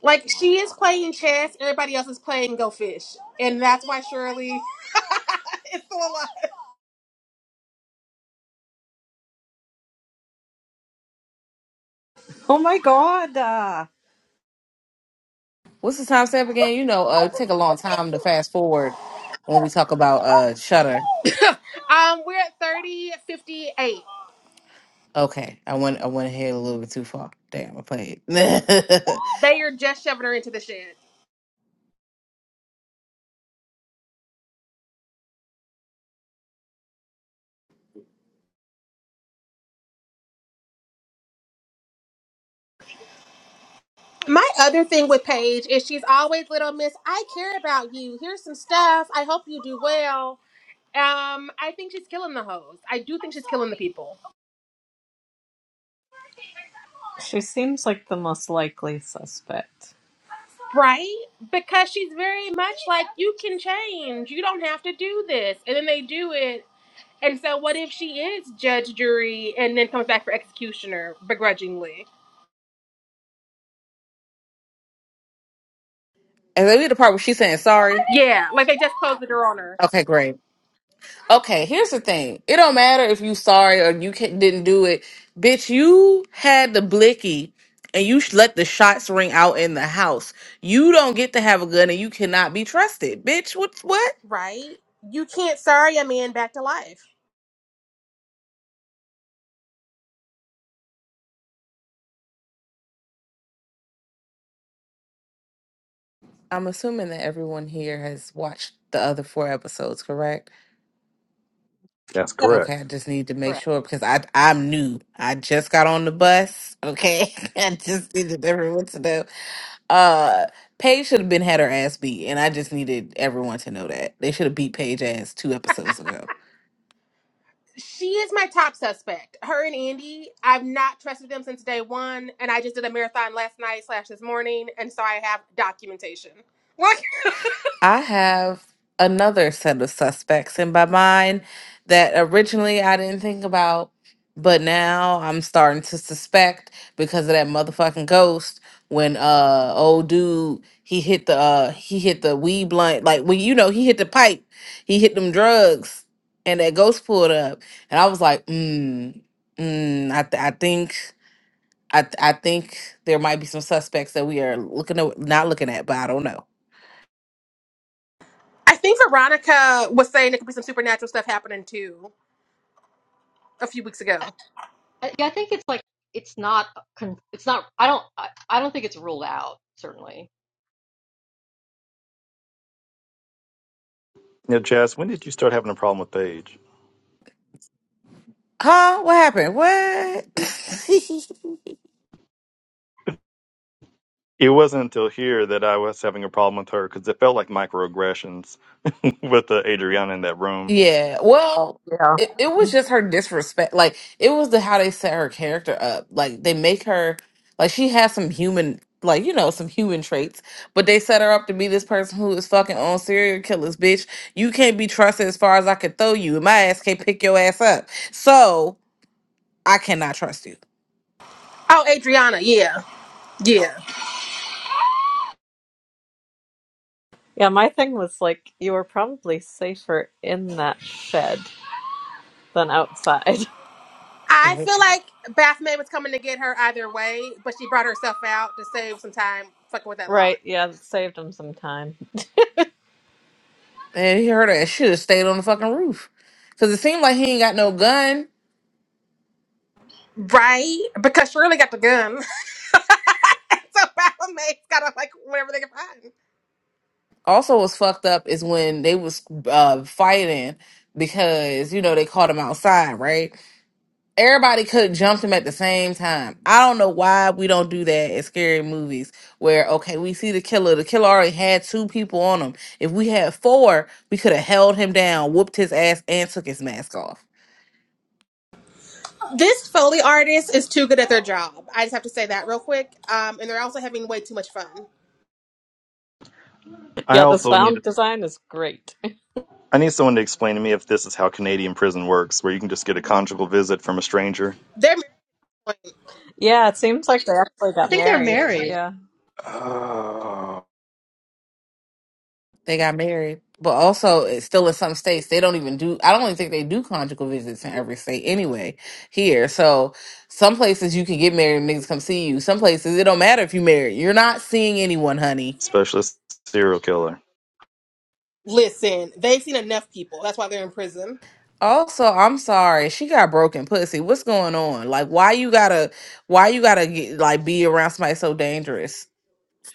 Speaker 1: Like she is playing chess, everybody else is playing Go Fish, and that's why Shirley is still
Speaker 6: What's the time stamp again? You know, uh, it take a long time to fast forward when we talk about uh Shutter.
Speaker 1: alive. um, we're at thirty fifty eight.
Speaker 6: Okay, I went I went ahead a little bit too far. Damn, I played. and then
Speaker 1: They are just shoving her into the shed. My other thing with Paige is she's always little miss, I care about you. Here's some stuff. I hope you do well Um, I think she's killing the hoes. I do think she's killing the people.
Speaker 2: She seems like the most likely suspect.
Speaker 1: Right? Because she's very much like, you can change. You don't have to do this. And then they do it. And so what if she is judge, jury, and then comes back for executioner begrudgingly?
Speaker 6: we had the part where she's saying sorry.
Speaker 1: Yeah, like they just closed the door on her.
Speaker 6: Okay, great. Okay, here's the thing. It don't matter if you sorry or you can, didn't do it, bitch. You had the blicky, and you sh- let the shots ring out in the house. You don't get to have a gun, and you cannot be trusted, bitch. What? What?
Speaker 1: Right? You can't sorry a man back to life.
Speaker 6: I'm assuming that everyone here has watched the other four episodes, correct?
Speaker 4: That's correct.
Speaker 6: Okay, I just need to make sure because I I'm new. I just got on the bus. Okay, I just needed everyone to know. Uh, Paige should have been had her ass beat, and I just needed everyone to know that they should have beat Paige ass two episodes ago.
Speaker 1: She is my top suspect. Her and Andy, I've not trusted them since day one, and I just did a marathon last night slash this morning, and so I have documentation.
Speaker 6: I have another set of suspects in my mind that originally I didn't think about, but now I'm starting to suspect because of that motherfucking ghost when uh old dude he hit the uh he hit the weed blunt like when you know he hit the pipe, he hit them drugs and that ghost pulled up and I was like, mm, mm, I th- I think I th- I think there might be some suspects that we are looking at, not looking at, but I don't know.
Speaker 1: I think Veronica was saying there could be some supernatural stuff happening too a few weeks ago.
Speaker 3: I, yeah, I think it's like it's not it's not I don't I, I don't think it's ruled out certainly.
Speaker 4: Now, Jess, when did you start having a problem with Paige?
Speaker 6: Huh? What happened? What?
Speaker 4: It wasn't until here that I was having a problem with her because it felt like microaggressions with uh, Adriana in that room.
Speaker 6: yeah. Well,
Speaker 2: Yeah.
Speaker 6: it, it was just her disrespect. Like it was the how they set her character up. Like they make her like she has some human like you know some human traits, but they set her up to be this person who is fucking on serial killers, bitch. You can't be trusted as far as I can throw you, and my ass can't pick your ass up. So I cannot trust you.
Speaker 1: Oh, Adriana, yeah, yeah.
Speaker 2: Yeah, my thing was like, you were probably safer in that shed than outside.
Speaker 1: I feel like Baphomet was coming to get her either way, but she brought herself out to save some time fucking with that
Speaker 2: Right,
Speaker 1: lock,
Speaker 2: yeah, it saved him some time.
Speaker 6: And he heard that should have stayed on the fucking roof. Cause it seemed like he ain't got no gun.
Speaker 1: right? Because Shirley got the gun, so Baphomet's gotta like whatever they can find.
Speaker 6: Also was fucked up is when they was uh fighting because, you know, they caught him outside, right? Everybody could have jumped him at the same time. I don't know why we don't do that in scary movies where, okay, we see the killer. The killer already had two people on him. If we had four, we could have held him down, whooped his ass, and took his mask off.
Speaker 1: This Foley artist is too good at their job. I just have to say that real quick. Um, and they're also having way too much fun.
Speaker 4: I
Speaker 2: Yeah, the
Speaker 4: also need
Speaker 2: sound design is great.
Speaker 4: I need someone to explain to me if this is how Canadian prison works, where you can just get a conjugal visit from a stranger.
Speaker 1: They're
Speaker 2: Yeah, it seems like they actually
Speaker 3: I
Speaker 2: got
Speaker 3: think they're
Speaker 2: married.
Speaker 3: married.
Speaker 2: Yeah.
Speaker 4: Oh.
Speaker 6: They got married. But also, it's still in some states, they don't even do, I don't even think they do conjugal visits in every state anyway here. So some places you can get married and niggas come see you. Some places it don't matter if you married. You're not seeing anyone, honey
Speaker 4: Specialist serial killer.
Speaker 1: listen. They've seen enough people. That's why they're in prison,
Speaker 6: Also, I'm sorry. She got broken pussy. What's going on? Like, why you gotta, why you gotta get, like be around somebody so dangerous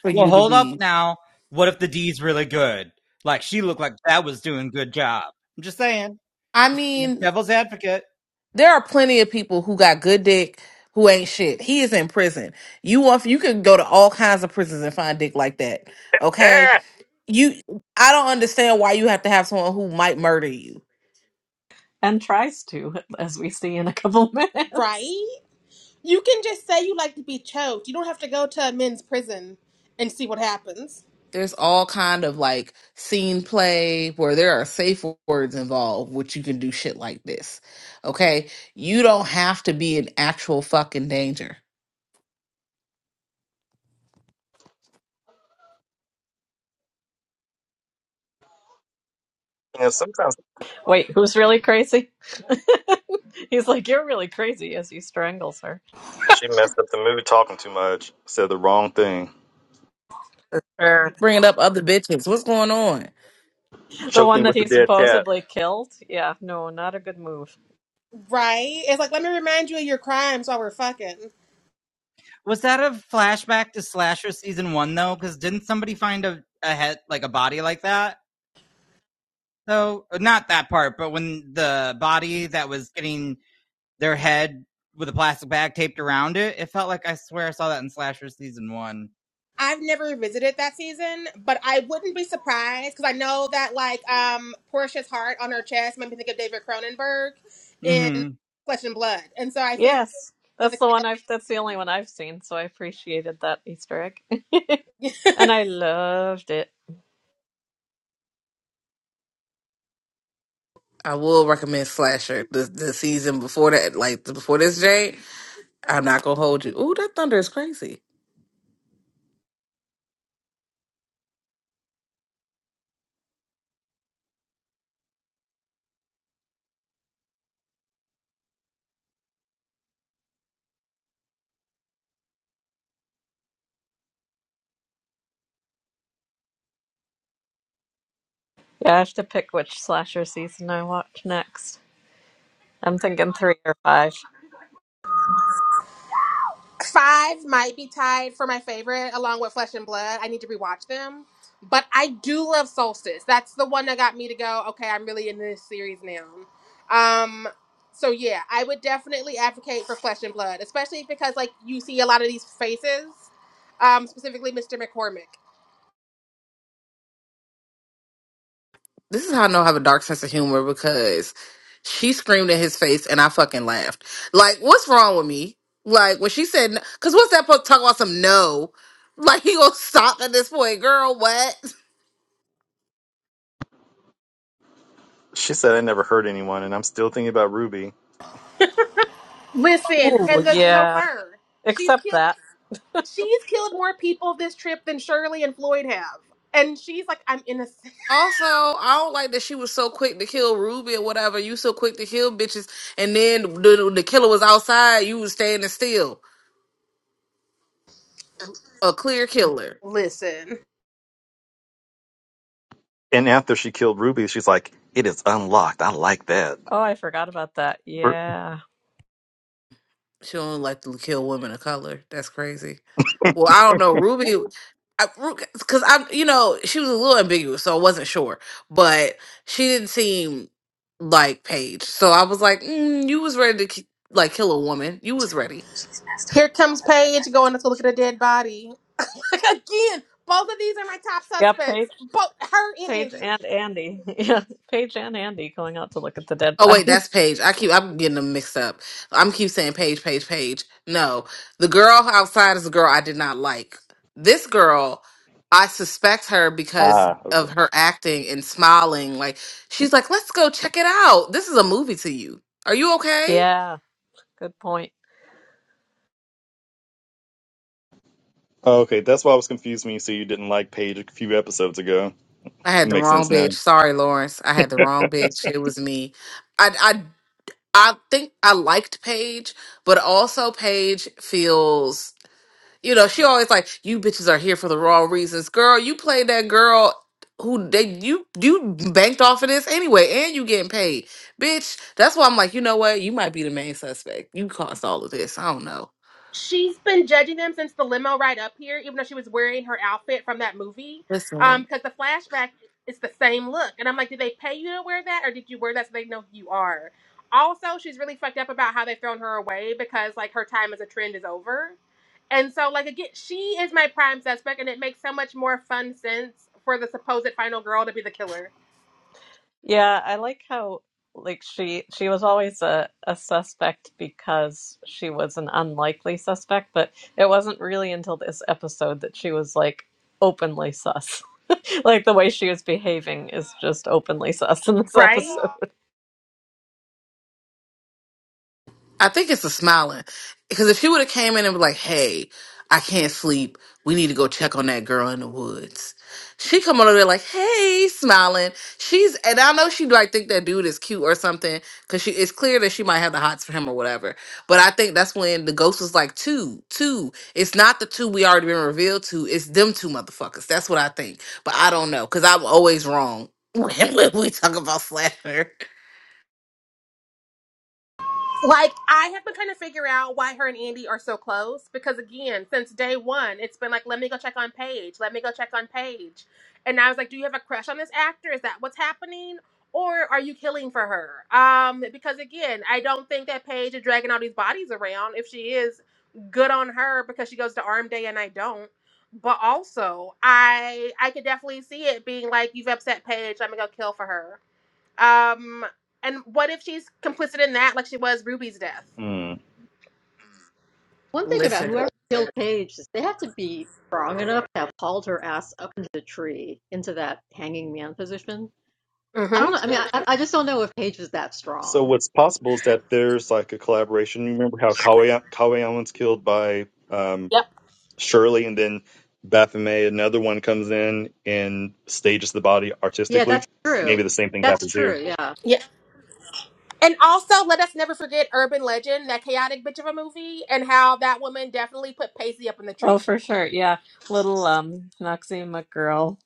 Speaker 6: for
Speaker 5: Well,
Speaker 6: you to
Speaker 5: hold up
Speaker 6: be?
Speaker 5: now. What if the D's really good? Like, she looked like that was doing good job. I'm just saying.
Speaker 6: I
Speaker 5: Just you know,
Speaker 6: mean,
Speaker 5: devil's advocate.
Speaker 6: there are plenty of people who got good dick who ain't shit. He is in prison. You want you can go to all kinds of prisons and find dick like that. Okay,
Speaker 4: Yeah.
Speaker 6: you. I don't understand why you have to have someone who might murder you.
Speaker 2: And tries to, as we see in a couple minutes.
Speaker 1: right? You can just say you like to be choked. You don't have to go to a men's prison and see what happens.
Speaker 6: there's all kind of like scene play where there are safe words involved which you can do shit like this okay you don't have to be in actual fucking danger
Speaker 4: And sometimes
Speaker 2: Wait, who's really crazy? he's like, You're really crazy as he strangles her.
Speaker 4: she messed up the mood talking too much, said the wrong thing,
Speaker 2: Or
Speaker 6: bringing up other bitches what's going on
Speaker 2: the
Speaker 4: choked me
Speaker 2: one that
Speaker 4: with a
Speaker 2: he
Speaker 4: dead cat.
Speaker 2: supposedly killed. Yeah, no, not a good move.
Speaker 1: Right? It's like, let me remind you of your crimes while we're fucking.
Speaker 5: Was that a flashback to Slasher season one though? Because didn't somebody find a, a head like a body like that? Though Uh, not that part, but when the body that was getting their head with a plastic bag taped around it, it felt like I swear I saw that in Slasher season one.
Speaker 1: I've never visited that season, but I wouldn't be surprised because I know that, like, um, Portia's heart on her chest made me think of David Cronenberg in
Speaker 5: Mm-hmm.
Speaker 1: Flesh and Blood. And so I think
Speaker 2: Yes.
Speaker 1: that
Speaker 2: That's
Speaker 1: was
Speaker 2: the one I've that's the only one I've seen, so I appreciated that Easter egg.
Speaker 1: the kill.
Speaker 2: and I loved it.
Speaker 6: i will recommend slasher the, the season before that like the- before this jay i'm not gonna hold you Ooh, that thunder is crazy
Speaker 2: Yeah, I have to pick which slasher season I watch next. I'm thinking three or five.
Speaker 1: Five might be tied for my favorite, along with Flesh and Blood. I need to rewatch them, but I do love Solstice. That's the one that got me to go. Okay, I'm really into this series now. Um, so yeah, I would definitely advocate for Flesh and Blood, especially because like you see a lot of these faces, um, specifically Mr. McCormick.
Speaker 6: This is how I know I have a dark sense of humor because she screamed in his face and I fucking laughed. Like, what's wrong with me? Like, when she said, because what's that supposed to talk about some no? Like, he gonna stop at this point, girl, what?
Speaker 4: She said I never hurt anyone, and I'm still thinking about Ruby.
Speaker 1: Listen,
Speaker 2: Ooh,
Speaker 1: and the
Speaker 2: yeah.
Speaker 1: chauffeur, she's
Speaker 2: Except
Speaker 1: killed.
Speaker 2: that.
Speaker 1: She's killed more people this trip than Shirley and Floyd have, and she's like, I'm innocent.
Speaker 6: Also, I don't like that she was so quick to kill Ruby or whatever. You so quick to kill bitches, and then the, the killer was outside, you was standing still. A clear killer.
Speaker 1: Listen.
Speaker 4: And after she killed Ruby, she's like, "It is unlocked. I like that."
Speaker 2: Oh, I forgot about that.
Speaker 4: Or-
Speaker 2: Yeah.
Speaker 6: She don't like to kill women of color. That's crazy. Well, I don't know. Ruby, because I, am you know, she was a little ambiguous, so I wasn't sure. But she didn't seem like Paige, so I was like, mm, you was ready to ki- like kill a woman. You was ready.
Speaker 1: Here comes Paige going to look at a dead body. Again, both of these are my top
Speaker 2: Yep.
Speaker 1: suspects. Both her and
Speaker 2: Paige
Speaker 1: Indy.
Speaker 2: and Andy. Yeah, Paige and Andy going out to look at the dead
Speaker 6: Oh wait,
Speaker 2: body.
Speaker 6: that's Paige. I keep I'm getting them mixed up. I'm keep saying Paige, Paige, Paige. No, the girl outside is the girl I did not like. This girl, I suspect her because
Speaker 4: Ah, okay.
Speaker 6: of her acting and smiling. Like she's like, let's go check it out. This is a movie to you. Are you okay?
Speaker 2: Yeah, good point.
Speaker 4: Oh, okay, that's why I was confused when you said you didn't like Paige a few episodes ago.
Speaker 6: I
Speaker 4: It
Speaker 6: had the
Speaker 4: makes
Speaker 6: wrong
Speaker 4: sense now.
Speaker 6: bitch. Sorry, Lawrence. I had the wrong bitch. It was me. I I I think I liked Paige, but also Paige feels you know, she always like, you bitches are here for the wrong reasons. Girl, you played that girl who they you you banked off of this anyway, and you getting paid. Bitch, that's why I'm like, you know what? You might be the main suspect. You caused all of this. I don't know.
Speaker 1: She's been judging them since the limo ride up here, even though she was wearing her outfit from that movie.
Speaker 6: Listen.
Speaker 1: Um, because the flashback is the same look. And I'm like, did they pay you to wear that or did you wear that so they know who you are? Also, she's really fucked up about how they've thrown her away because like her time as a trend is over. And so, like again, she is my prime suspect, and it makes so much more fun sense for the supposed final girl to be the killer,
Speaker 2: Yeah, I like how like she she was always a, a suspect because she was an unlikely suspect, but it wasn't really until this episode that she was like openly sus. Like the way she was behaving is just openly sus in this
Speaker 1: right?
Speaker 2: episode.
Speaker 6: I think it's the smiling. Because if she would have came in and was like, hey, I can't sleep. We need to go check on that girl in the woods. She come over there like, hey, smiling. She's and I know she like think that dude is cute or something. Cause she it's clear that she might have the hots for him or whatever. But I think that's when the ghost was like, two, two. It's not the two we already been revealed to. It's them two motherfuckers. That's what I think. But I don't know. Cause I'm always wrong when we talk about slander.
Speaker 1: Like, I have been trying to figure out why her and Andy are so close because, again, since day one, it's been like, let me go check on Paige, let me go check on Paige. And I was like, do you have a crush on this actor? Is that what's happening? Or are you killing for her? Um, because, again, I don't think that Paige is dragging all these bodies around. If she is, good on her because she goes to arm day and I don't. But also, I I could definitely see it being like, you've upset Paige, let me go kill for her um, and what if she's complicit in that, like she was Ruby's death?
Speaker 4: Hmm.
Speaker 3: One thing about
Speaker 6: Listen.
Speaker 3: whoever killed Paige is they have to be strong enough to have hauled her ass up into the tree into that hanging man position. I
Speaker 1: Mm-hmm.
Speaker 3: don't know. I mean, I, I just don't know if Paige was that
Speaker 4: So
Speaker 3: strong.
Speaker 4: what's possible is that there's like a collaboration. You remember how Kawe Kawe Owens killed by um,
Speaker 1: Yep.
Speaker 4: Shirley, and then Baphomet, another one comes in and stages the body
Speaker 3: Yeah,
Speaker 4: artistically.
Speaker 3: that's true.
Speaker 4: Maybe the same thing
Speaker 3: That's
Speaker 4: happens
Speaker 3: true.
Speaker 4: here.
Speaker 3: Yeah.
Speaker 1: Yeah. And also, let us never forget Urban Legend, that chaotic bitch of a movie, and how that woman definitely put Pacey up in the
Speaker 2: Oh,
Speaker 1: tree.
Speaker 2: for sure. Yeah. Little um Noxie McGirl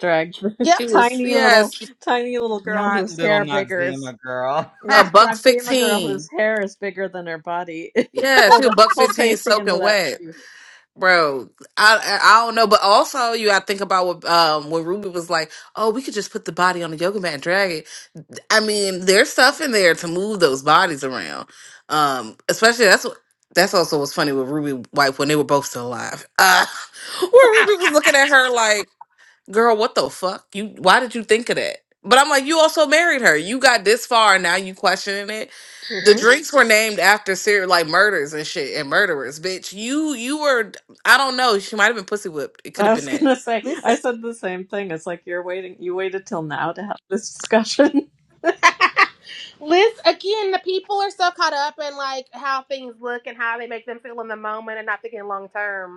Speaker 2: dragged
Speaker 1: Yep.
Speaker 6: he was
Speaker 2: tiny little
Speaker 6: yes.
Speaker 2: tiny little girl
Speaker 5: Not
Speaker 2: whose
Speaker 5: little
Speaker 2: hair biggers
Speaker 5: Noxzema girl.
Speaker 2: Yeah,
Speaker 6: A
Speaker 2: it's
Speaker 6: buck
Speaker 2: not seeing a girl
Speaker 6: fifteen.
Speaker 2: whose hair is bigger than her body
Speaker 6: Yeah, she
Speaker 2: pulled
Speaker 6: a buck
Speaker 2: pulled
Speaker 6: fifteen
Speaker 2: Pacey into
Speaker 6: soaking
Speaker 2: that
Speaker 6: wet.
Speaker 2: tree.
Speaker 6: Bro, I I I don't know, but also you got to think about what um when Ruby was like, oh, we could just put the body on the yoga mat and drag it. I mean, there's stuff in there to move those bodies around. Um, especially that's what that's also what's funny with Ruby White when they were both still alive. Uh, where Ruby was looking at her like girl, what the fuck? You why did you think of that? But I'm like, you also married her. You got this far and now you questioning it. The
Speaker 1: hmm
Speaker 6: drinks were named after serial like murders and shit and murderers, bitch. You you were I don't know. She might have been pussy whipped. It could
Speaker 2: I
Speaker 6: have been
Speaker 2: was
Speaker 6: that.
Speaker 2: gonna say, I
Speaker 1: Listen.
Speaker 2: said the same thing. It's like you're waiting, you waited till now to have this discussion.
Speaker 1: Liz, again, the people are so caught up in like how things look and how they make them feel in the moment and not thinking long term.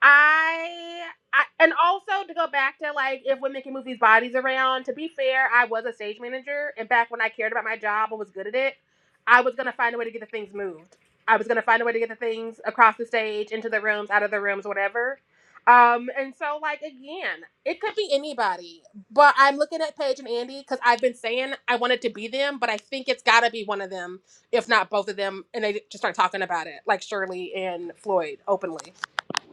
Speaker 1: I, I and also to go back to like if women can move these bodies around. To be fair, I was a stage manager, and back when I cared about my job and was good at it, I was gonna find a way to get the things moved. I was gonna find a way to get the things across the stage, into the rooms, out of the rooms, whatever. Um, and so like again, it could be anybody, but I'm looking at Paige and Andy because I've been saying I wanted to be them, but I think it's gotta be one of them, if not both of them, and they just start talking about it, like Shirley and Floyd openly.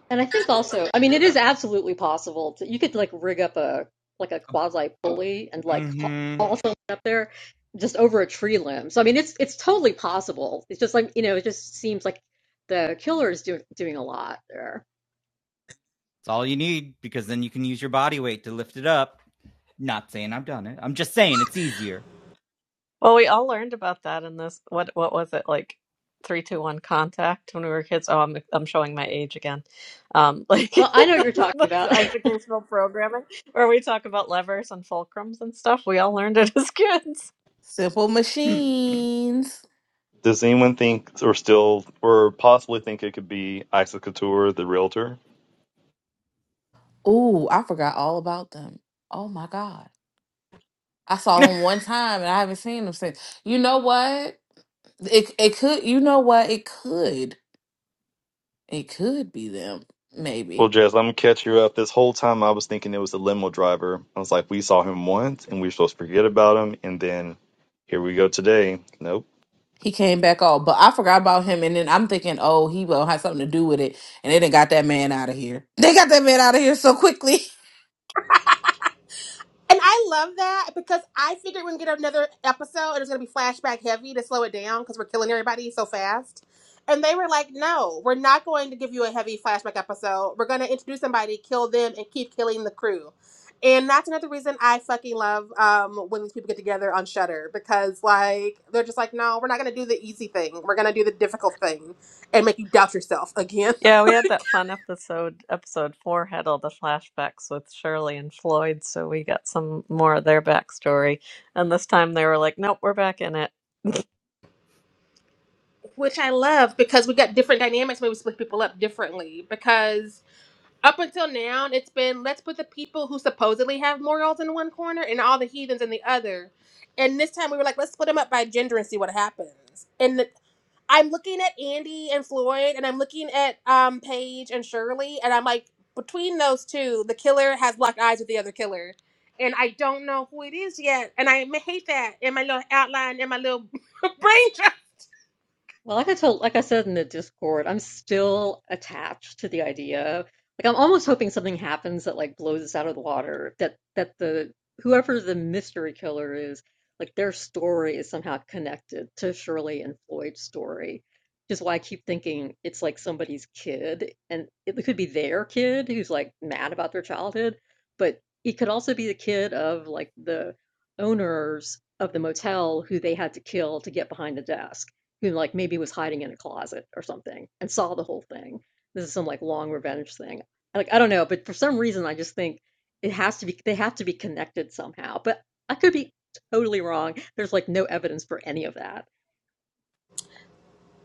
Speaker 3: And I think also, I mean, it is absolutely possible to, you could like rig up a like a quasi pulley and like
Speaker 5: mm-hmm.
Speaker 3: haul something up there just over a tree limb. So I mean, it's it's totally possible. It's just like you know, it just seems like the killer is doing doing a lot there.
Speaker 5: It's all you need because then you can use your body weight to lift it up. Not saying I've done it. I'm just saying it's easier.
Speaker 2: Well, we all learned about that in this. What what was it like? Three, two, one, contact. When we were kids. Oh, I'm I'm showing my age again. Um, like
Speaker 3: Well, I know what you're talking
Speaker 2: that's
Speaker 3: about.
Speaker 2: educational programming, where we talk about levers and fulcrums and stuff. We all learned it as kids.
Speaker 6: Simple machines.
Speaker 4: Does anyone think, or still, or possibly think it could be Isa Couture, the realtor?
Speaker 6: Ooh, I forgot all about them. Oh my god. I saw them one time and I haven't seen them since. You know what? It it could you know what? It could. It could be them. Maybe.
Speaker 4: Well, Jazz, I'm gonna catch you up. This whole time I was thinking it was the limo driver. I was like, we saw him once and we were supposed to forget about him, and then here we go today. Nope.
Speaker 6: He came back off, but I forgot about him. And then I'm thinking, oh, he will have something to do with it. And they done got that man out of here. They got that man out of here so quickly.
Speaker 1: And I love that because I figured we're gonna get another episode and it's gonna be flashback heavy to slow it down because we're killing everybody so fast. And they were like, "No, we're not going to give you a heavy flashback episode. We're gonna introduce somebody, kill them, and keep killing the crew." And that's another reason I fucking love um, when these people get together on Shudder because like they're just like, "No, we're not gonna do the easy thing. We're gonna do the difficult thing and make you doubt yourself again."
Speaker 2: Yeah, we had that fun episode. Episode four had all the flashbacks with Shirley and Floyd, so we got some more of their backstory. And this time they were like, nope, we're back in it.
Speaker 1: which I love because we got different dynamics when we split people up differently. Because up until now, it's been let's put the people who supposedly have morals in one corner and all the heathens in the other. And this time we were like, let's split them up by gender and see what happens. And the, I'm looking at Andy and Floyd, and I'm looking at um Paige and Shirley, and I'm like, between those two, the killer has locked eyes with the other killer, and I don't know who it is yet, and I hate that in my little outline in my little brain.
Speaker 3: Well, like I told, like I said in the Discord, I'm still attached to the idea. Like I'm almost hoping something happens that like blows us out of the water. That that the whoever the mystery killer is, like their story is somehow connected to Shirley and Floyd's story. Which is why I keep thinking it's like somebody's kid, and it could be their kid who's like mad about their childhood, but it could also be the kid of like the owners of the motel who they had to kill to get behind the desk who, like, maybe was hiding in a closet or something and saw the whole thing. This is some, like, long revenge thing. Like, I don't know, but for some reason, I just think it has to be they have to be connected somehow, but I could be totally wrong. There's, like, no evidence for any of that.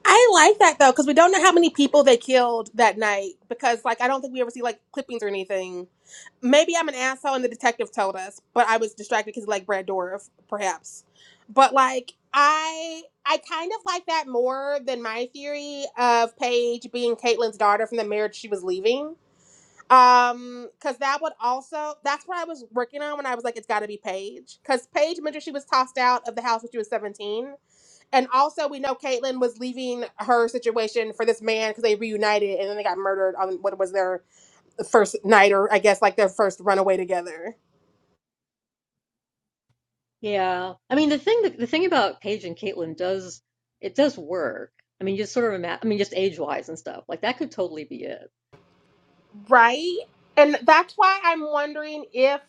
Speaker 1: I like that though, because we don't know how many people they killed that night. Because like I don't think we ever see like clippings or anything. Maybe I'm an asshole and the detective told us, but I was distracted because like Brad Dorff, perhaps. But like I I kind of like that more than my theory of Paige being Caitlyn's daughter from the marriage she was leaving. Um, because that would also that's what I was working on when I was like, it's gotta be Paige. Because Paige mentioned she was tossed out of the house when she was 17 and also we know Caitlyn was leaving her situation for this man because they reunited and then they got murdered on what was their first night or I guess like their first runaway together.
Speaker 3: Yeah. I mean, the thing that the thing about Paige and Caitlin does it does work. I mean, just sort of ima- I mean, just age-wise and stuff. Like that could totally be it.
Speaker 1: Right? And that's why I'm wondering if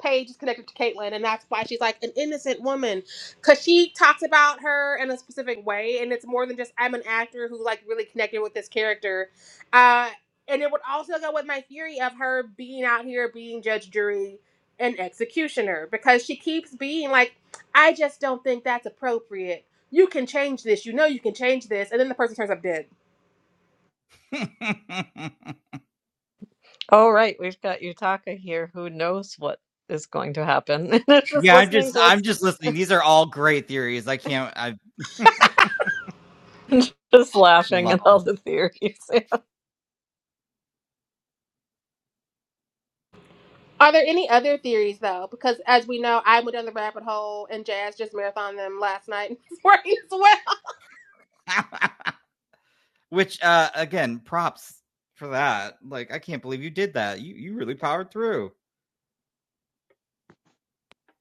Speaker 1: Paige is connected to Caitlyn, and that's why she's like an innocent woman. Cause she talks about her in a specific way, and it's more than just I'm an actor who like really connected with this character. Uh and it would also go with my theory of her being out here being judge, jury, and executioner because she keeps being like, I just don't think that's appropriate. You can change this. You know you can change this. And then the person turns up dead
Speaker 2: Oh, right, we've got Yutaka here who knows what is going to happen. And it's just
Speaker 5: Yeah, I'm
Speaker 2: listening
Speaker 5: just
Speaker 2: to
Speaker 5: I'm
Speaker 2: us
Speaker 5: just listening. These are all great theories. I can't I
Speaker 2: and just laughing
Speaker 5: love
Speaker 2: at all
Speaker 5: them.
Speaker 2: the theories.
Speaker 1: Are there any other theories though? Because as we know, I went down the rabbit hole and Jazz just marathoned them last night for as well.
Speaker 5: Which uh again, props for that. Like I can't believe you did that. You you really powered through.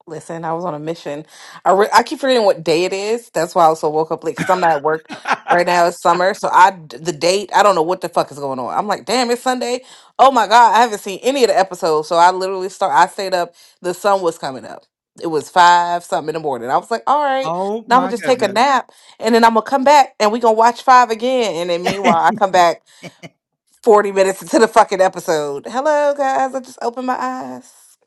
Speaker 6: Listen, I was on a mission. I re- I keep forgetting what day it is. That's why I also woke up late because I'm not at work right now. It's summer, so I d- the date. I don't know what the fuck is going on. I'm like, damn, it's Sunday. Oh my god, I haven't seen any of the episodes. So I literally start. I stayed up. The sun was coming up. It was five something in the morning. I was like, all right,
Speaker 5: oh
Speaker 6: now I'm gonna
Speaker 5: my
Speaker 6: just take a
Speaker 5: goodness.
Speaker 6: nap, and then I'm gonna come back, and we gonna watch five again. And then meanwhile, I come back forty minutes into the fucking episode. Hello, guys. I just opened my eyes.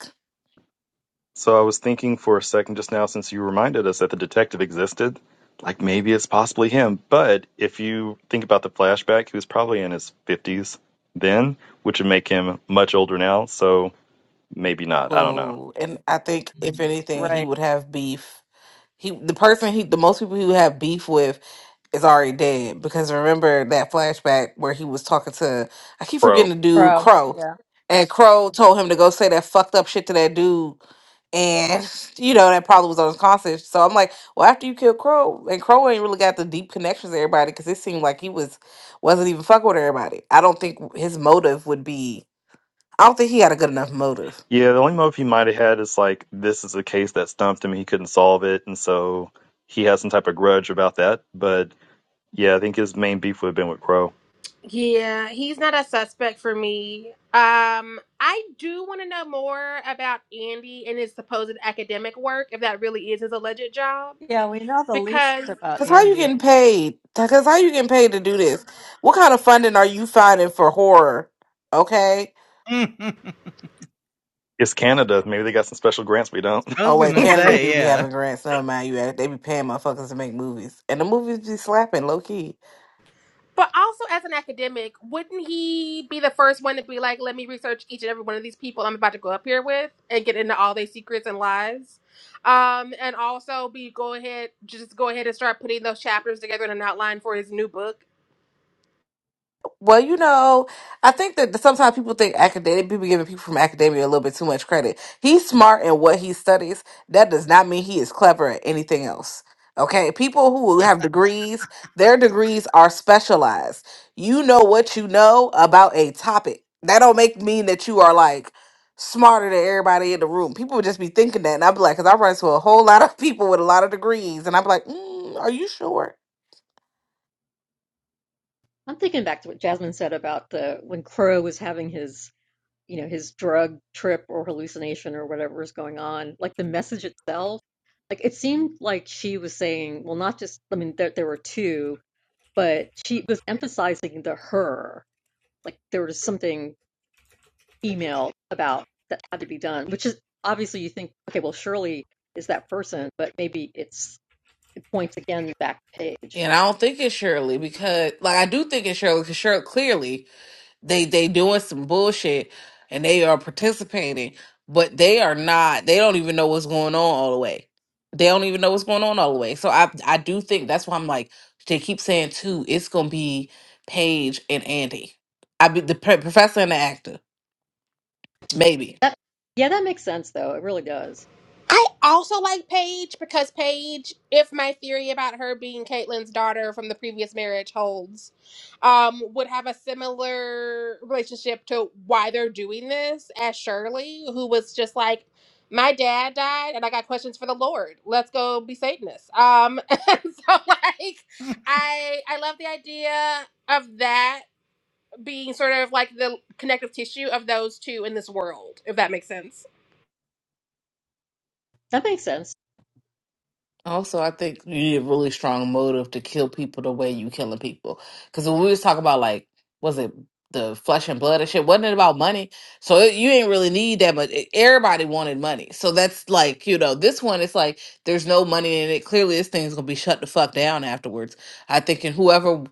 Speaker 4: So I was thinking for a second just now, since you reminded us that the detective existed, like maybe it's possibly him. But if you think about the flashback, he was probably in his 50s then, which would make him much older now. So maybe not. I don't know.
Speaker 6: Oh, and I think if anything, he
Speaker 2: Right.
Speaker 6: would have beef. He, the person he, the most people he would have beef with is already dead. Because remember that flashback where he was talking to, I keep
Speaker 4: Bro.
Speaker 6: forgetting the dude
Speaker 2: Pro.
Speaker 6: Crow,
Speaker 2: Yeah.
Speaker 6: and Crow told him to go say that fucked up shit to that dude, and you know that probably was on his conscience. So I'm like, well, after you kill Crow, and Crow ain't really got the deep connections to everybody because it seemed like he was wasn't even fucking with everybody. I don't think his motive would be. I don't think he had a good enough motive
Speaker 4: Yeah, the only motive he might have had is like this is a case that stumped him, he couldn't solve it, and so he has some type of grudge about that. But yeah, I think his main beef would have been with Crow.
Speaker 1: Yeah, he's not a suspect for me. Um, I do want to know more about Andy and his supposed academic work, if that really is his alleged job.
Speaker 2: Yeah, we know the least
Speaker 1: Because
Speaker 2: about
Speaker 6: Cause how you
Speaker 2: Andy.
Speaker 6: getting paid? Cause how you getting paid to do this? What kind of funding are you finding for horror? Okay.
Speaker 4: It's Canada. Maybe they got some special grants we don't.
Speaker 5: I was
Speaker 6: Oh
Speaker 5: going
Speaker 6: wait,
Speaker 5: to
Speaker 6: Canada
Speaker 5: say,
Speaker 6: do be
Speaker 5: yeah.
Speaker 6: having grants. Never mind you. They be paying motherfuckers to make movies, and the movies be slapping low key.
Speaker 1: But also as an academic, wouldn't he be the first one to be like, let me research each and every one of these people I'm about to go up here with and get into all their secrets and lies? Um, and also be go ahead just go ahead and start putting those chapters together in an outline for his new book.
Speaker 6: Well, you know, I think that sometimes people think academic people giving people from academia a little bit too much credit. He's smart in what he studies. That does not mean he is clever at anything else. Okay, people who have degrees, their degrees are specialized. You know what you know about a topic. That don't make mean that you are like smarter than everybody in the room. People would just be thinking that, and I'd be like, because I run into a whole lot of people with a lot of degrees, and I'm like, mm, are you sure?
Speaker 3: I'm thinking back to what Jasmine said about the when Crow was having his you know, his drug trip or hallucination or whatever is going on, like the message itself, like it seemed like she was saying, well, not just, I mean, there, there were two, but she was emphasizing the her, like there was something female about that had to be done, which is obviously you think, okay, well, surely is that person, but maybe it's, it points again back page.
Speaker 6: And I don't think it's Shirley because, like, I do think it's Shirley because Shirley clearly they they doing some bullshit and they are participating, but they are not. They don't even know what's going on all the way. They don't even know what's going on all the way. So I I do think that's why I'm like they keep saying too. It's gonna be Paige and Andy. I be the pro- professor and the actor maybe.
Speaker 3: That, yeah, that makes sense though. It really does.
Speaker 1: I also like Paige because Paige, if my theory about her being Caitlyn's daughter from the previous marriage holds, um, would have a similar relationship to why they're doing this as Shirley, who was just like, My dad died and I got questions for the Lord. Let's go be Satanists. Um and so like I I love the idea of that being sort of like the connective tissue of those two in this world, if that makes sense.
Speaker 3: That makes sense.
Speaker 6: Also, I think you need a really strong motive to kill people the way you killing people. Because when we was talking about like, was it the flesh and blood and shit? Wasn't it about money? So it, you ain't really need that much. e- Everybody wanted money, so that's like you know this one. It's like there's no money in it. Clearly, this thing's gonna be shut the fuck down afterwards. I think, and whoever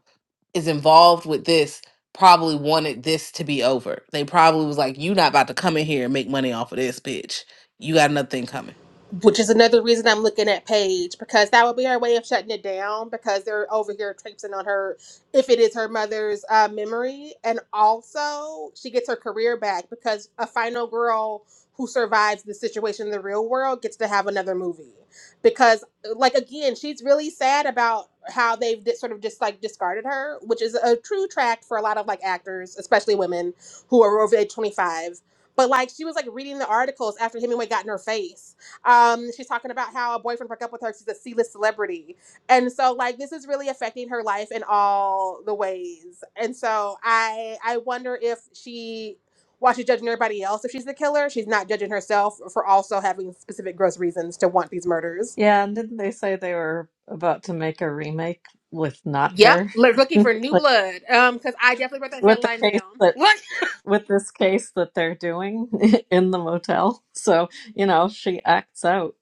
Speaker 6: is involved with this probably wanted this to be over. They probably was like, you not about to come in here and make money off of this bitch. You got nothing coming.
Speaker 1: which is another reason I'm looking at Paige because that would be her way of shutting it down because they're over here traipsing on her if it is her mother's uh, memory. And also, she gets her career back because a final girl who survives the situation in the real world gets to have another movie. Because, like, again, she's really sad about how they've di- sort of just like discarded her, which is a true tract for a lot of like actors, especially women who are over age 25. But like, she was like reading the articles after Hemingway got in her face um, she's talking about how a boyfriend broke up with her. She's a C-list celebrity, and so like this is really affecting her life in all the ways. And so I I wonder if she, while she's judging everybody else, if she's the killer, she's not judging herself for also having specific gross reasons to want these murders.
Speaker 2: Yeah, and didn't they say they were about to make a remake with not
Speaker 1: Yep,
Speaker 2: her?
Speaker 1: look- looking for new
Speaker 2: like
Speaker 1: blood. Um, because I definitely wrote that
Speaker 2: with the
Speaker 1: headline
Speaker 2: case
Speaker 1: down.
Speaker 2: that
Speaker 1: Look,
Speaker 2: with this case that they're doing in the motel. So, you know, she acts out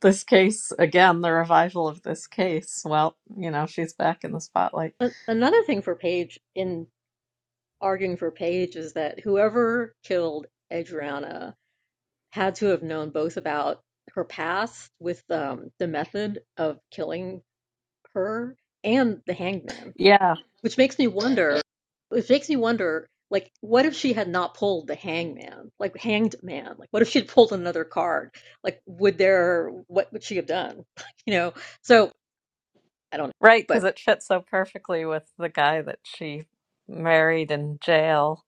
Speaker 2: this case again, the revival of this case. Well, you know, she's back in the spotlight.
Speaker 3: Another thing for Page in arguing for Paige is that whoever killed Adriana had to have known both about her past with um, the method of killing her and the hangman,
Speaker 2: Yeah,
Speaker 3: which makes me wonder. Which makes me wonder, like, what if she had not pulled the hangman, like hanged man? Like, what if she had pulled another card? Like, would there? What would she have done? You know. So I don't know,
Speaker 2: right, because
Speaker 3: but
Speaker 2: it fits so perfectly with the guy that she married in jail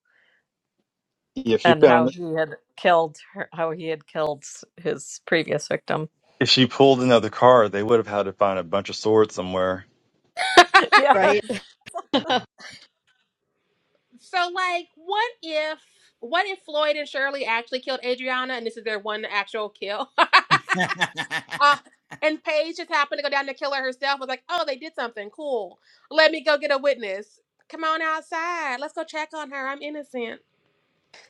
Speaker 4: Yeah, if she
Speaker 2: and how
Speaker 4: found
Speaker 2: he had killed her, how he had killed s- his previous victim.
Speaker 4: if she pulled another car, they would have had to find a bunch of swords somewhere.
Speaker 2: yes,
Speaker 3: right. I
Speaker 1: so like, what if? What if Floyd and Shirley actually killed Adriana and this is their one actual kill? Uh, and Paige just happened to go down to kill her herself. Was like, oh, they did something cool. Let me go get a witness. Come on outside. Let's go check on her. I'm innocent.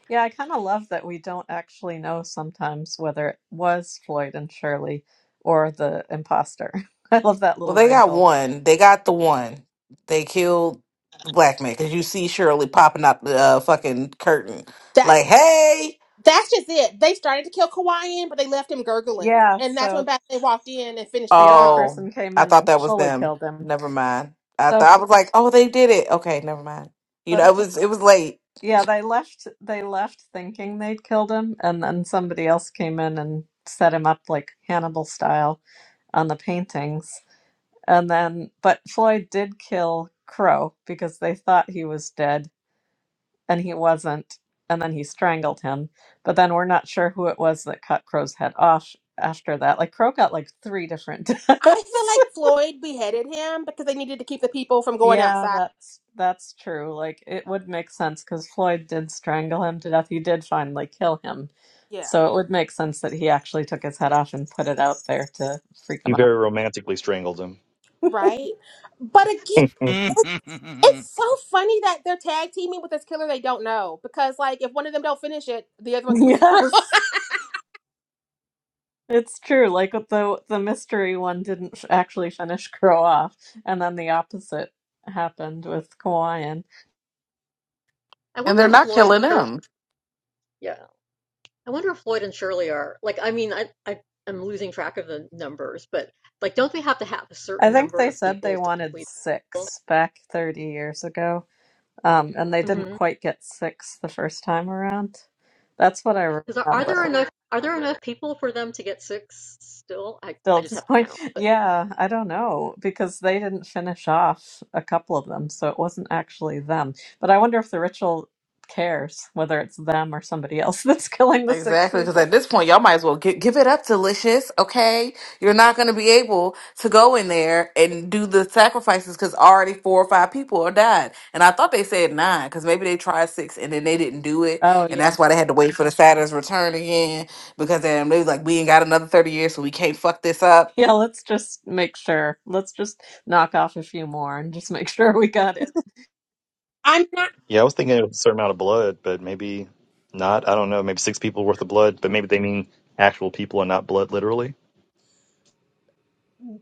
Speaker 2: Yeah, I kind of love that we don't actually know sometimes whether it was Floyd and Shirley or the imposter. I love that
Speaker 6: Well,
Speaker 2: little
Speaker 6: they got
Speaker 2: wrinkle.
Speaker 6: one. They got the one. They killed the black man because you see Shirley popping out the uh, fucking curtain,
Speaker 1: That
Speaker 6: like, "Hey!"
Speaker 1: that's just it. They started to kill Kawhian, but they left him gurgling,
Speaker 2: Yeah,
Speaker 1: and that's when
Speaker 2: so
Speaker 1: Batley walked in and finished the
Speaker 2: the other
Speaker 1: job.
Speaker 6: Oh,
Speaker 2: person came
Speaker 6: I
Speaker 2: in
Speaker 6: thought
Speaker 2: and
Speaker 6: that was
Speaker 2: fully
Speaker 6: them.
Speaker 2: killed him.
Speaker 6: Never mind. I
Speaker 2: So, F-
Speaker 6: thought I was like, "Oh, they did it." Okay, never mind. You
Speaker 2: but
Speaker 6: know, it
Speaker 2: F-
Speaker 6: was it was late,
Speaker 2: yeah, they left. They left thinking they'd killed him, and then somebody else came in and set him up like Hannibal style on the paintings. And then, but Floyd did kill Crow because they thought he was dead and he wasn't. And then he strangled him. But then we're not sure who it was that cut Crow's head off after that. Like Crow got like three different
Speaker 1: I feel
Speaker 2: deaths.
Speaker 1: like Floyd beheaded him because they needed to keep the people from going
Speaker 2: yeah,
Speaker 1: outside.
Speaker 2: that's that's true. Like it would make sense because Floyd did strangle him to death. He did finally kill him.
Speaker 1: Yeah,
Speaker 2: So it would make sense that he actually took his head off and put it out there to freak
Speaker 4: He
Speaker 2: him out.
Speaker 4: very romantically strangled him.
Speaker 1: right. But again,
Speaker 4: Mm.
Speaker 1: it's so funny that they're tag teaming with this killer they don't know because, like, if one of them don't finish it, the other one comes through.
Speaker 2: Yes. It's true. Like the the mystery one didn't f- actually finish Crow off, and then the opposite happened with Kawaiian.
Speaker 6: and they're
Speaker 3: wonder if
Speaker 6: not
Speaker 3: Floyd.
Speaker 6: killing him.
Speaker 3: Yeah. I wonder if Floyd and Shirley are like. I mean, I, I I'm losing track of the numbers, but like, don't they have to have a
Speaker 2: I
Speaker 3: certain
Speaker 2: think
Speaker 3: number
Speaker 2: they
Speaker 3: of
Speaker 2: said they
Speaker 3: people to
Speaker 2: wanted
Speaker 3: complete?
Speaker 2: six back 30 years ago, um, and they didn't
Speaker 3: Mm-hmm.
Speaker 2: quite get six the first time around. That's what I
Speaker 3: Because are, are there
Speaker 2: remember.
Speaker 3: enough? Are there enough people for them to get six still? I I
Speaker 2: Still at
Speaker 3: just
Speaker 2: this
Speaker 3: have to
Speaker 2: point,
Speaker 3: count, but
Speaker 2: yeah, I don't know because they didn't finish off a couple of them, so it wasn't actually them. But I wonder if the ritual cares whether it's them or somebody else that's killing the six
Speaker 6: Exactly, because at
Speaker 2: people.
Speaker 6: this point, y'all might as well give, give it up, delicious. Okay, you're not going to be able to go in there and do the sacrifices because already four or five people are died. And I thought they said nine because maybe they tried six and then they didn't do it,
Speaker 2: Oh,
Speaker 6: and
Speaker 2: yeah.
Speaker 6: that's why they had to wait for the Saturn's return again because then they was like, we ain't got another thirty years, so we can't fuck this up.
Speaker 2: Yeah, let's just make sure. Let's just knock off a few more and just make sure we got it.
Speaker 1: I'm not.
Speaker 4: Yeah, I was thinking it was a certain amount of blood, but maybe not. I don't know. Maybe six people worth of blood, but maybe they mean actual people and not blood literally.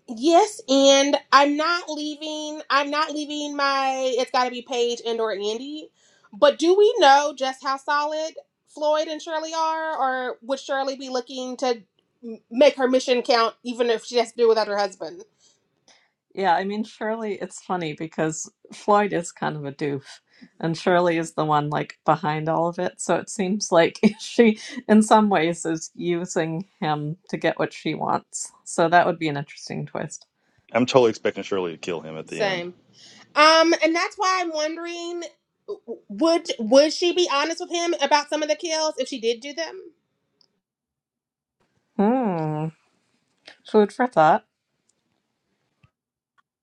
Speaker 1: Yes, and I'm not leaving. I'm not leaving my. It's got to be Paige and or Andy. But do we know just how solid Floyd and Shirley are, or would Shirley be looking to m- make her mission count, even if she has to do it without her husband?
Speaker 2: Yeah, I mean, Shirley, it's funny because Floyd is kind of a doof, and Shirley is the one like behind all of it. So it seems like she, in some ways, is using him to get what she wants. So that would be an interesting twist.
Speaker 4: I'm totally expecting Shirley to kill him at the end.
Speaker 1: Same. Um, and that's why I'm wondering, w- would would she be honest with him about some of the kills if she did do them?
Speaker 2: Hmm. Food for thought.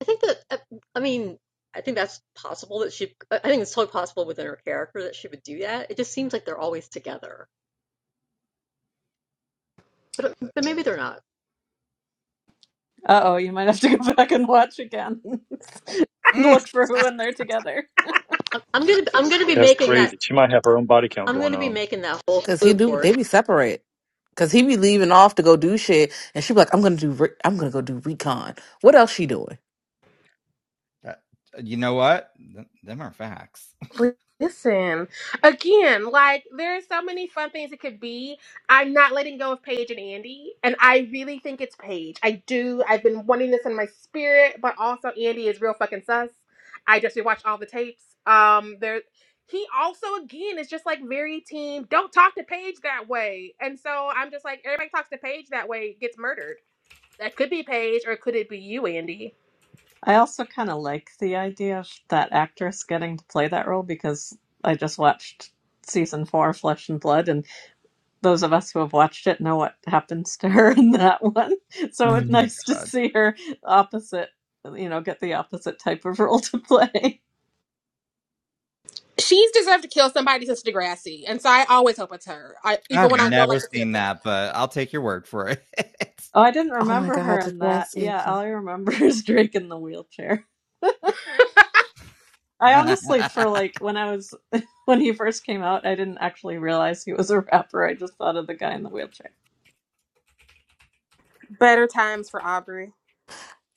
Speaker 3: I think that uh, I, mean. I think that's possible that she. I I think it's totally possible within her character that she would do that. It just seems like they're always together, but but maybe they're not.
Speaker 2: Uh oh, you might have to go back and watch again. Look for who when they're together.
Speaker 3: I'm, I'm gonna I'm gonna be
Speaker 4: That's
Speaker 3: making that.
Speaker 4: crazy. She might have her own body count
Speaker 3: I'm
Speaker 4: going
Speaker 3: gonna be
Speaker 4: on.
Speaker 3: making that whole
Speaker 6: Because he
Speaker 3: clue
Speaker 6: do,
Speaker 3: board.
Speaker 6: they be separate. Cause he be leaving off to go do shit, and she be like, "I'm gonna do, re- I'm gonna go do recon. What else she doing?
Speaker 5: That- you know what? Th- Them are facts.
Speaker 1: Listen, again, like there are so many fun things it could be. I'm not letting go of Paige and Andy, and I really think it's Paige. I do. I've been wanting this in my spirit, but also Andy is real fucking sus. I just rewatched all the tapes. Um, there, he also again is just like very team. Don't talk to Paige that way, and so I'm just like everybody talks to Paige that way gets murdered. That could be Paige, or could it be you, Andy?
Speaker 2: I also kind of like the idea of that actress getting to play that role because I just watched season four, Flesh and Blood, and those of us who have watched it know what happens to her in that one. So
Speaker 5: Oh
Speaker 2: it's
Speaker 5: my
Speaker 2: nice to
Speaker 5: god.
Speaker 2: see her opposite, you know, get the opposite type of role to play.
Speaker 1: She's deserved to kill somebody since Degrassi, and so I always hope it's her. I even
Speaker 5: I've
Speaker 1: when I don't
Speaker 5: never
Speaker 1: like the
Speaker 5: seen
Speaker 1: character.
Speaker 5: that, but I'll take your word for it.
Speaker 2: Oh, I didn't
Speaker 6: Oh my
Speaker 2: remember her
Speaker 6: god, the
Speaker 2: in that.
Speaker 6: grassy.
Speaker 2: Yeah, all I remember is Drake in the wheelchair. I honestly, for like when I was when he first came out, I didn't actually realize he was a rapper. I just thought of the guy in the wheelchair.
Speaker 1: Better times for Aubrey.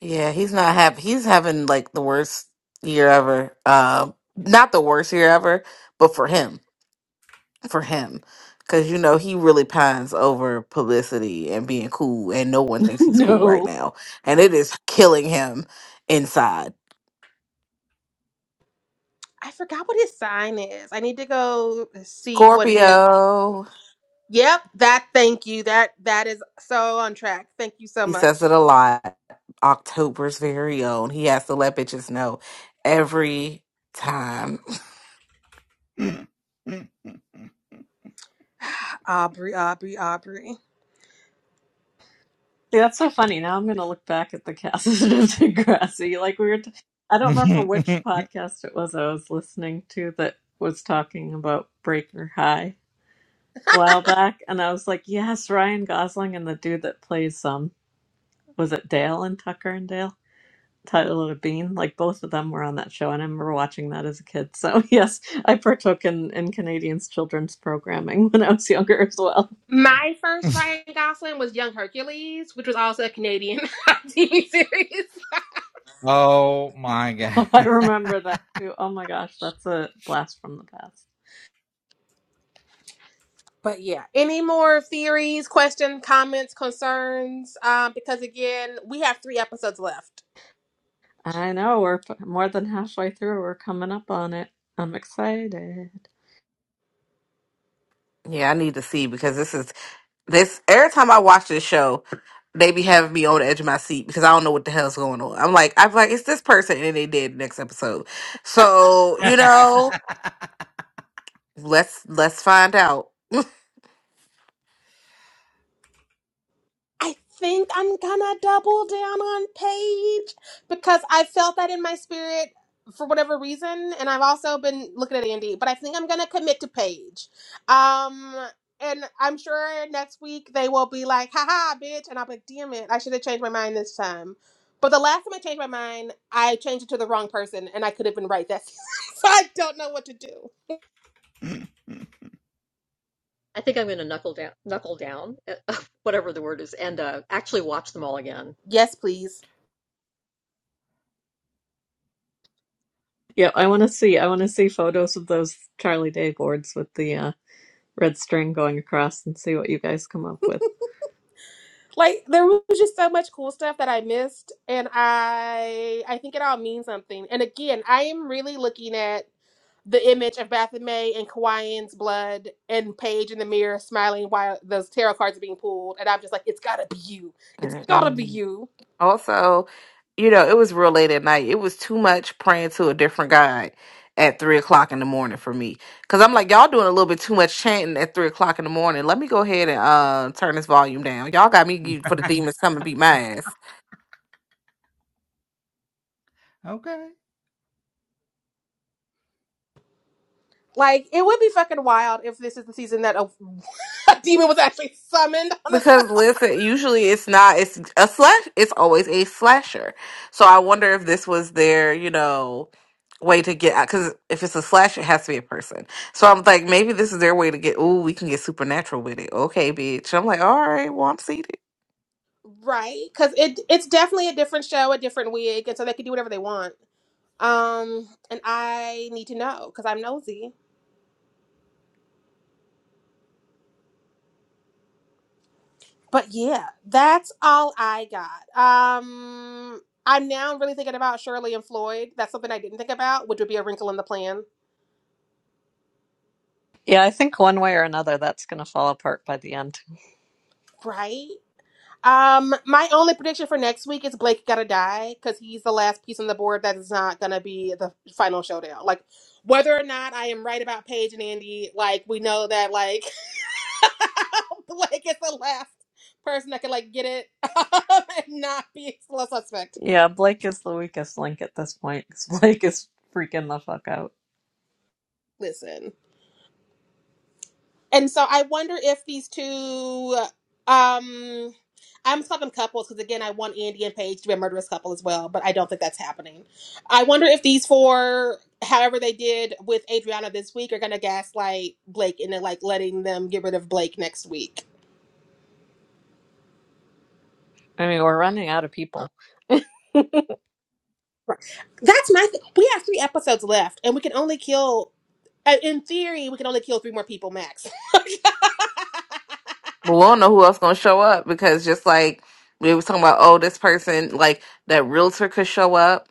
Speaker 6: Yeah, he's not happy. He's having like the worst year ever. Um, not the worst year ever, but for him, for him, because you know he really pines over publicity and being cool, and no one thinks he's cool right
Speaker 2: no.
Speaker 6: now, and it is killing him inside.
Speaker 1: I forgot what his sign is. I need to go see what his.
Speaker 6: Scorpio,
Speaker 1: Yep, that. Thank you. That that is so on track. Thank you so
Speaker 6: he
Speaker 1: much,
Speaker 6: says it a lot. October's very own. He has to let bitches know every time.
Speaker 1: Aubrey. Aubrey. Aubrey.
Speaker 2: See, that's so funny. Now I'm going to look back at the cast of Degrassi. Like we were, t- I don't remember which podcast it was I was listening to that was talking about Breaker High a while back, and I was like, yes, Ryan Gosling and the dude that plays um, was it Dale and Tucker and Dale, Tyler Bean, like both of them were on that show, and I remember watching that as a kid. So yes, I partook in in Canadians children's programming when I was younger as well.
Speaker 1: My first Ryan Gosling was Young Hercules, which was also a Canadian TV series.
Speaker 5: oh my god.
Speaker 2: I remember that too. Oh my gosh, that's a blast from the past.
Speaker 1: But yeah, any more theories, questions, comments, concerns? Um, because again, we have three episodes left.
Speaker 2: I know we're f- more than halfway through. We're coming up on it. I'm excited.
Speaker 6: Yeah, I need to see because this is This every time I watch this show, they be having me on the edge of my seat because I don't know what the hell's going on. I'm like, I'm like, it's this person, and then they did next episode. So you know, let's let's find out.
Speaker 1: I think I'm gonna double down on Paige because I felt that in my spirit for whatever reason, and I've also been looking at Andy, but I think I'm gonna commit to Paige. Um, and I'm sure next week they will be like, haha, bitch, and I'll be like, damn it, I should have changed my mind this time. But the last time I changed my mind, I changed it to the wrong person, and I could have been right that season. so I don't know what to do.
Speaker 3: I think I'm going to knuckle down, knuckle down, whatever the word is, and uh, actually watch them all again.
Speaker 1: Yes, please.
Speaker 2: Yeah, I want to see. I want to see photos of those Charlie Day boards with the uh, red string going across and see what you guys come up with.
Speaker 1: like there was just so much cool stuff that I missed and I I think it all means something. And again, I am really looking at the image of Baphomet and Kawaiian's blood and Paige in the mirror smiling while those tarot cards are being pulled and I'm just like, It's gotta be you. It's gotta be
Speaker 6: Mm-mm.
Speaker 1: you.
Speaker 6: Also, you know, it was real late at night. It was too much praying to a different God at three o'clock in the morning for me because I'm like, y'all doing a little bit too much chanting at three o'clock in the morning. Let me go ahead and uh, turn this volume down. Y'all got me geeked for the demons coming beat my ass.
Speaker 5: okay.
Speaker 1: Like it would be fucking wild if this is the season that a, a demon was actually summoned on the
Speaker 6: Because
Speaker 1: show.
Speaker 6: listen, usually it's not. It's a slash. It's always a slasher. So I wonder if this was their, you know, way to get out. Because if it's a slash, it has to be a person. So I'm like, maybe this is their way to get. Ooh, we can get supernatural with it. Okay, bitch. I'm like, all right. Well, I'm seated.
Speaker 1: Right? Because it it's definitely a different show, a different wig, and so they can do whatever they want. Um, and I need to know because I'm nosy. But yeah, that's all I got. Um, I'm now really thinking about Shirley and Floyd. That's something I didn't think about, which would be a wrinkle in the plan,
Speaker 2: Yeah, I think one way or another that's going to fall apart by the end.
Speaker 1: right? Um, my only prediction for next week is Blake gotta die because he's the last piece on the board that is not gonna be the final showdown. Like, whether or not I am right about Paige and Andy, like we know that, like Blake is the last person that could like get it and not be a suspect.
Speaker 2: Yeah, Blake is the weakest link at this point 'cause Blake is freaking the fuck out.
Speaker 1: Listen, and so I wonder if these two, um, I'm just calling them couples because again, I want Andy and Paige to be a murderous couple as well, but I don't think that's happening. I wonder if these four, however they did with Adriana this week, are gonna gaslight Blake into like letting them get rid of Blake next week.
Speaker 2: I mean, we're running out of
Speaker 3: Huh.
Speaker 2: people.
Speaker 1: Right. That's my. Th- we have three episodes left, and we can only kill uh, in theory, we can only kill three more people max,
Speaker 6: But we don't know who else gonna show up because just like we were talking about, oh, this person, like that realtor could show up,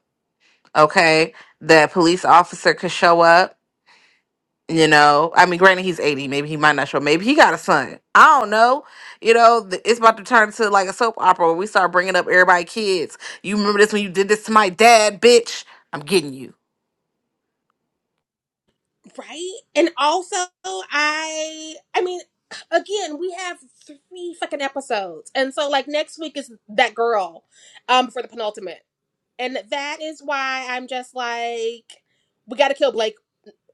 Speaker 6: okay, that police officer could show up, you know. I mean, granted, he's eighty, maybe he might not show. up. Maybe he got a son. I don't know. You know, th- it's about to turn into like a soap opera where we start bringing up everybody kids. You remember this when you did this to my dad, bitch? I'm getting you.
Speaker 1: right? And also, I, I mean, again, we have three fucking episodes, and so like next week is that girl, um, for the penultimate, and that is why I'm just like, we got to kill Blake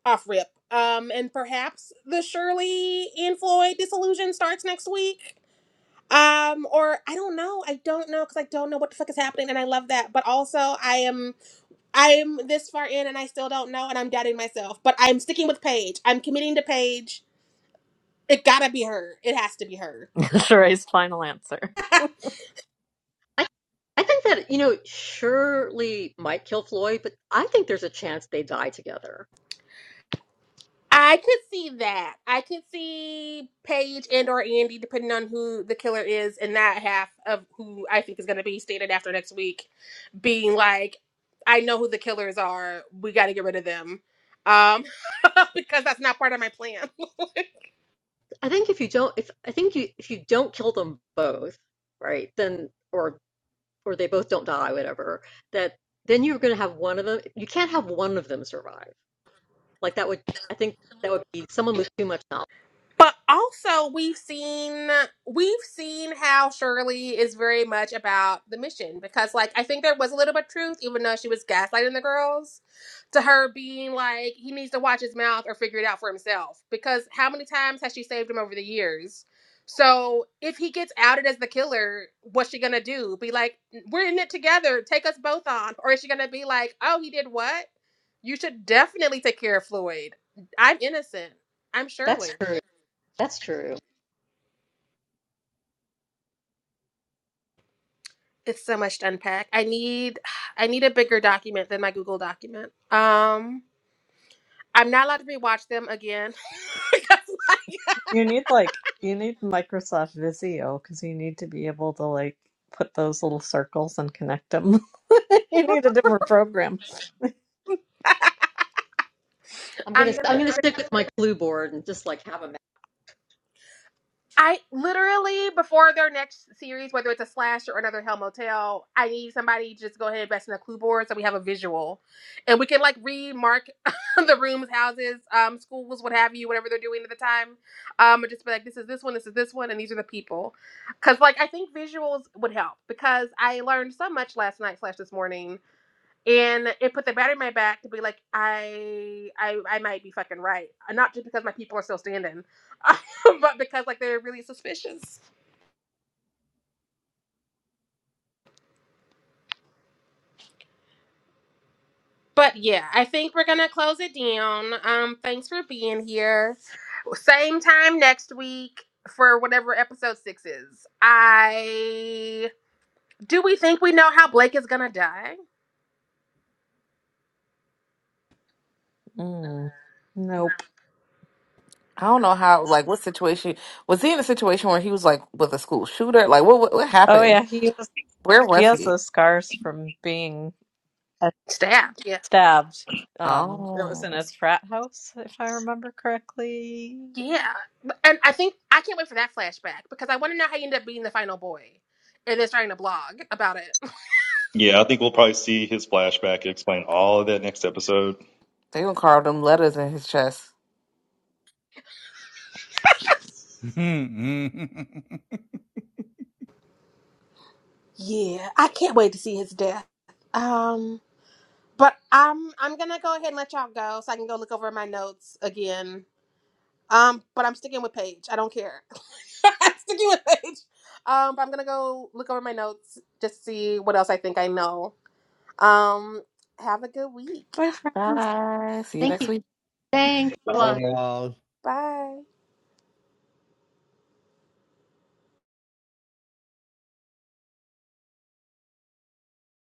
Speaker 1: off rip, um, and perhaps the Shirley and Floyd disillusion starts next week. Um, or I don't know. I don't know because I don't know what the fuck is happening, and I love that. But also, I am. I'm this far in and I still don't know and I'm doubting myself, but I'm sticking with Paige. I'm committing to Paige. It gotta be her. It has to be her.
Speaker 2: Sheree's final answer.
Speaker 3: I, I think that you know, surely might kill Floyd, but I think there's a chance they die together.
Speaker 1: I could see that. I could see Paige and or Andy, depending on who the killer is, and that half of who I think is gonna be stated after next week, being like, I know who the killers are. We gotta get rid of them. Um because that's not part of my plan.
Speaker 3: I think if you don't, if I think you if you don't kill them both, right, then or or they both don't die, whatever, that then you're going to have one of them. You can't have one of them survive. Like that would, I think that would be someone with too much knowledge.
Speaker 1: But also we've seen we've seen how Shirley is very much about the mission because like I think there was a little bit of truth, even though she was gaslighting the girls, to her being like, he needs to watch his mouth or figure it out for himself. Because how many times has she saved him over the years? So if he gets outed as the killer, what's she gonna do? Be like, we're in it together, take us both on. Or is she gonna be like, Oh, he did what? You should definitely take care of Floyd. I'm innocent. I'm Shirley.
Speaker 3: That's true. That's true.
Speaker 1: It's so much to unpack. I need I need a bigger document than my Google document. Um I'm not allowed to rewatch them again. Because, like,
Speaker 2: You need like you need Microsoft Visio because you need to be able to like put those little circles and connect them. You need a different program.
Speaker 3: I'm gonna,
Speaker 1: I'm gonna
Speaker 3: I'm
Speaker 1: need a
Speaker 3: gonna stick with my clue board and just like have a. ma-
Speaker 1: I literally before their next series, whether it's a slash or another Hell Motel, I need somebody to just go ahead and invest in a clue board so we have a visual, and we can like remark the rooms, houses, um, schools, what have you, whatever they're doing at the time, um, and just be like, this is this one, this is this one, and these are the people, because like I think visuals would help because I learned so much last night slash this morning and it put the bat in my back to be like I I I might be fucking right, Uh, not just because my people are still standing, but because like they're really suspicious. But yeah, I think we're gonna close it down. Um, thanks for being here. Same time next week for whatever episode six is. I do we think we know how Blake is gonna die?
Speaker 2: Mm, nope.
Speaker 6: I don't know how, like, what situation was he in a situation where he was like with a school shooter? Like, what what, what
Speaker 2: Oh
Speaker 6: happened?
Speaker 2: yeah, he was,
Speaker 6: Where
Speaker 2: he
Speaker 6: was
Speaker 2: has
Speaker 6: he?
Speaker 2: those scars from being uh,
Speaker 1: Stabbed. Yeah.
Speaker 2: stabbed. Um, it was
Speaker 6: Oh.
Speaker 2: in his frat house, if I remember correctly,
Speaker 1: Yeah. And I think I can't wait for that flashback because I want to know how you end up being the final boy and then starting to blog about it.
Speaker 4: Yeah, I think we'll probably see his flashback and explain all of that next episode.
Speaker 6: They gonna carve them letters in his chest.
Speaker 1: Yeah, I can't wait to see his death. Um, but I'm I'm gonna go ahead and let y'all go so I can go look over my notes again. Um, but I'm sticking with Paige. I don't care. I'm sticking with Paige. Um, but I'm gonna go look over my notes just to see what else I think I know. Um, have a good week.
Speaker 2: by friends.
Speaker 6: Bye. See you
Speaker 3: Thank
Speaker 6: next
Speaker 3: you.
Speaker 6: week.
Speaker 3: Thanks a
Speaker 5: Bye
Speaker 3: lot.
Speaker 4: Bye.
Speaker 5: y'all.
Speaker 1: Bye.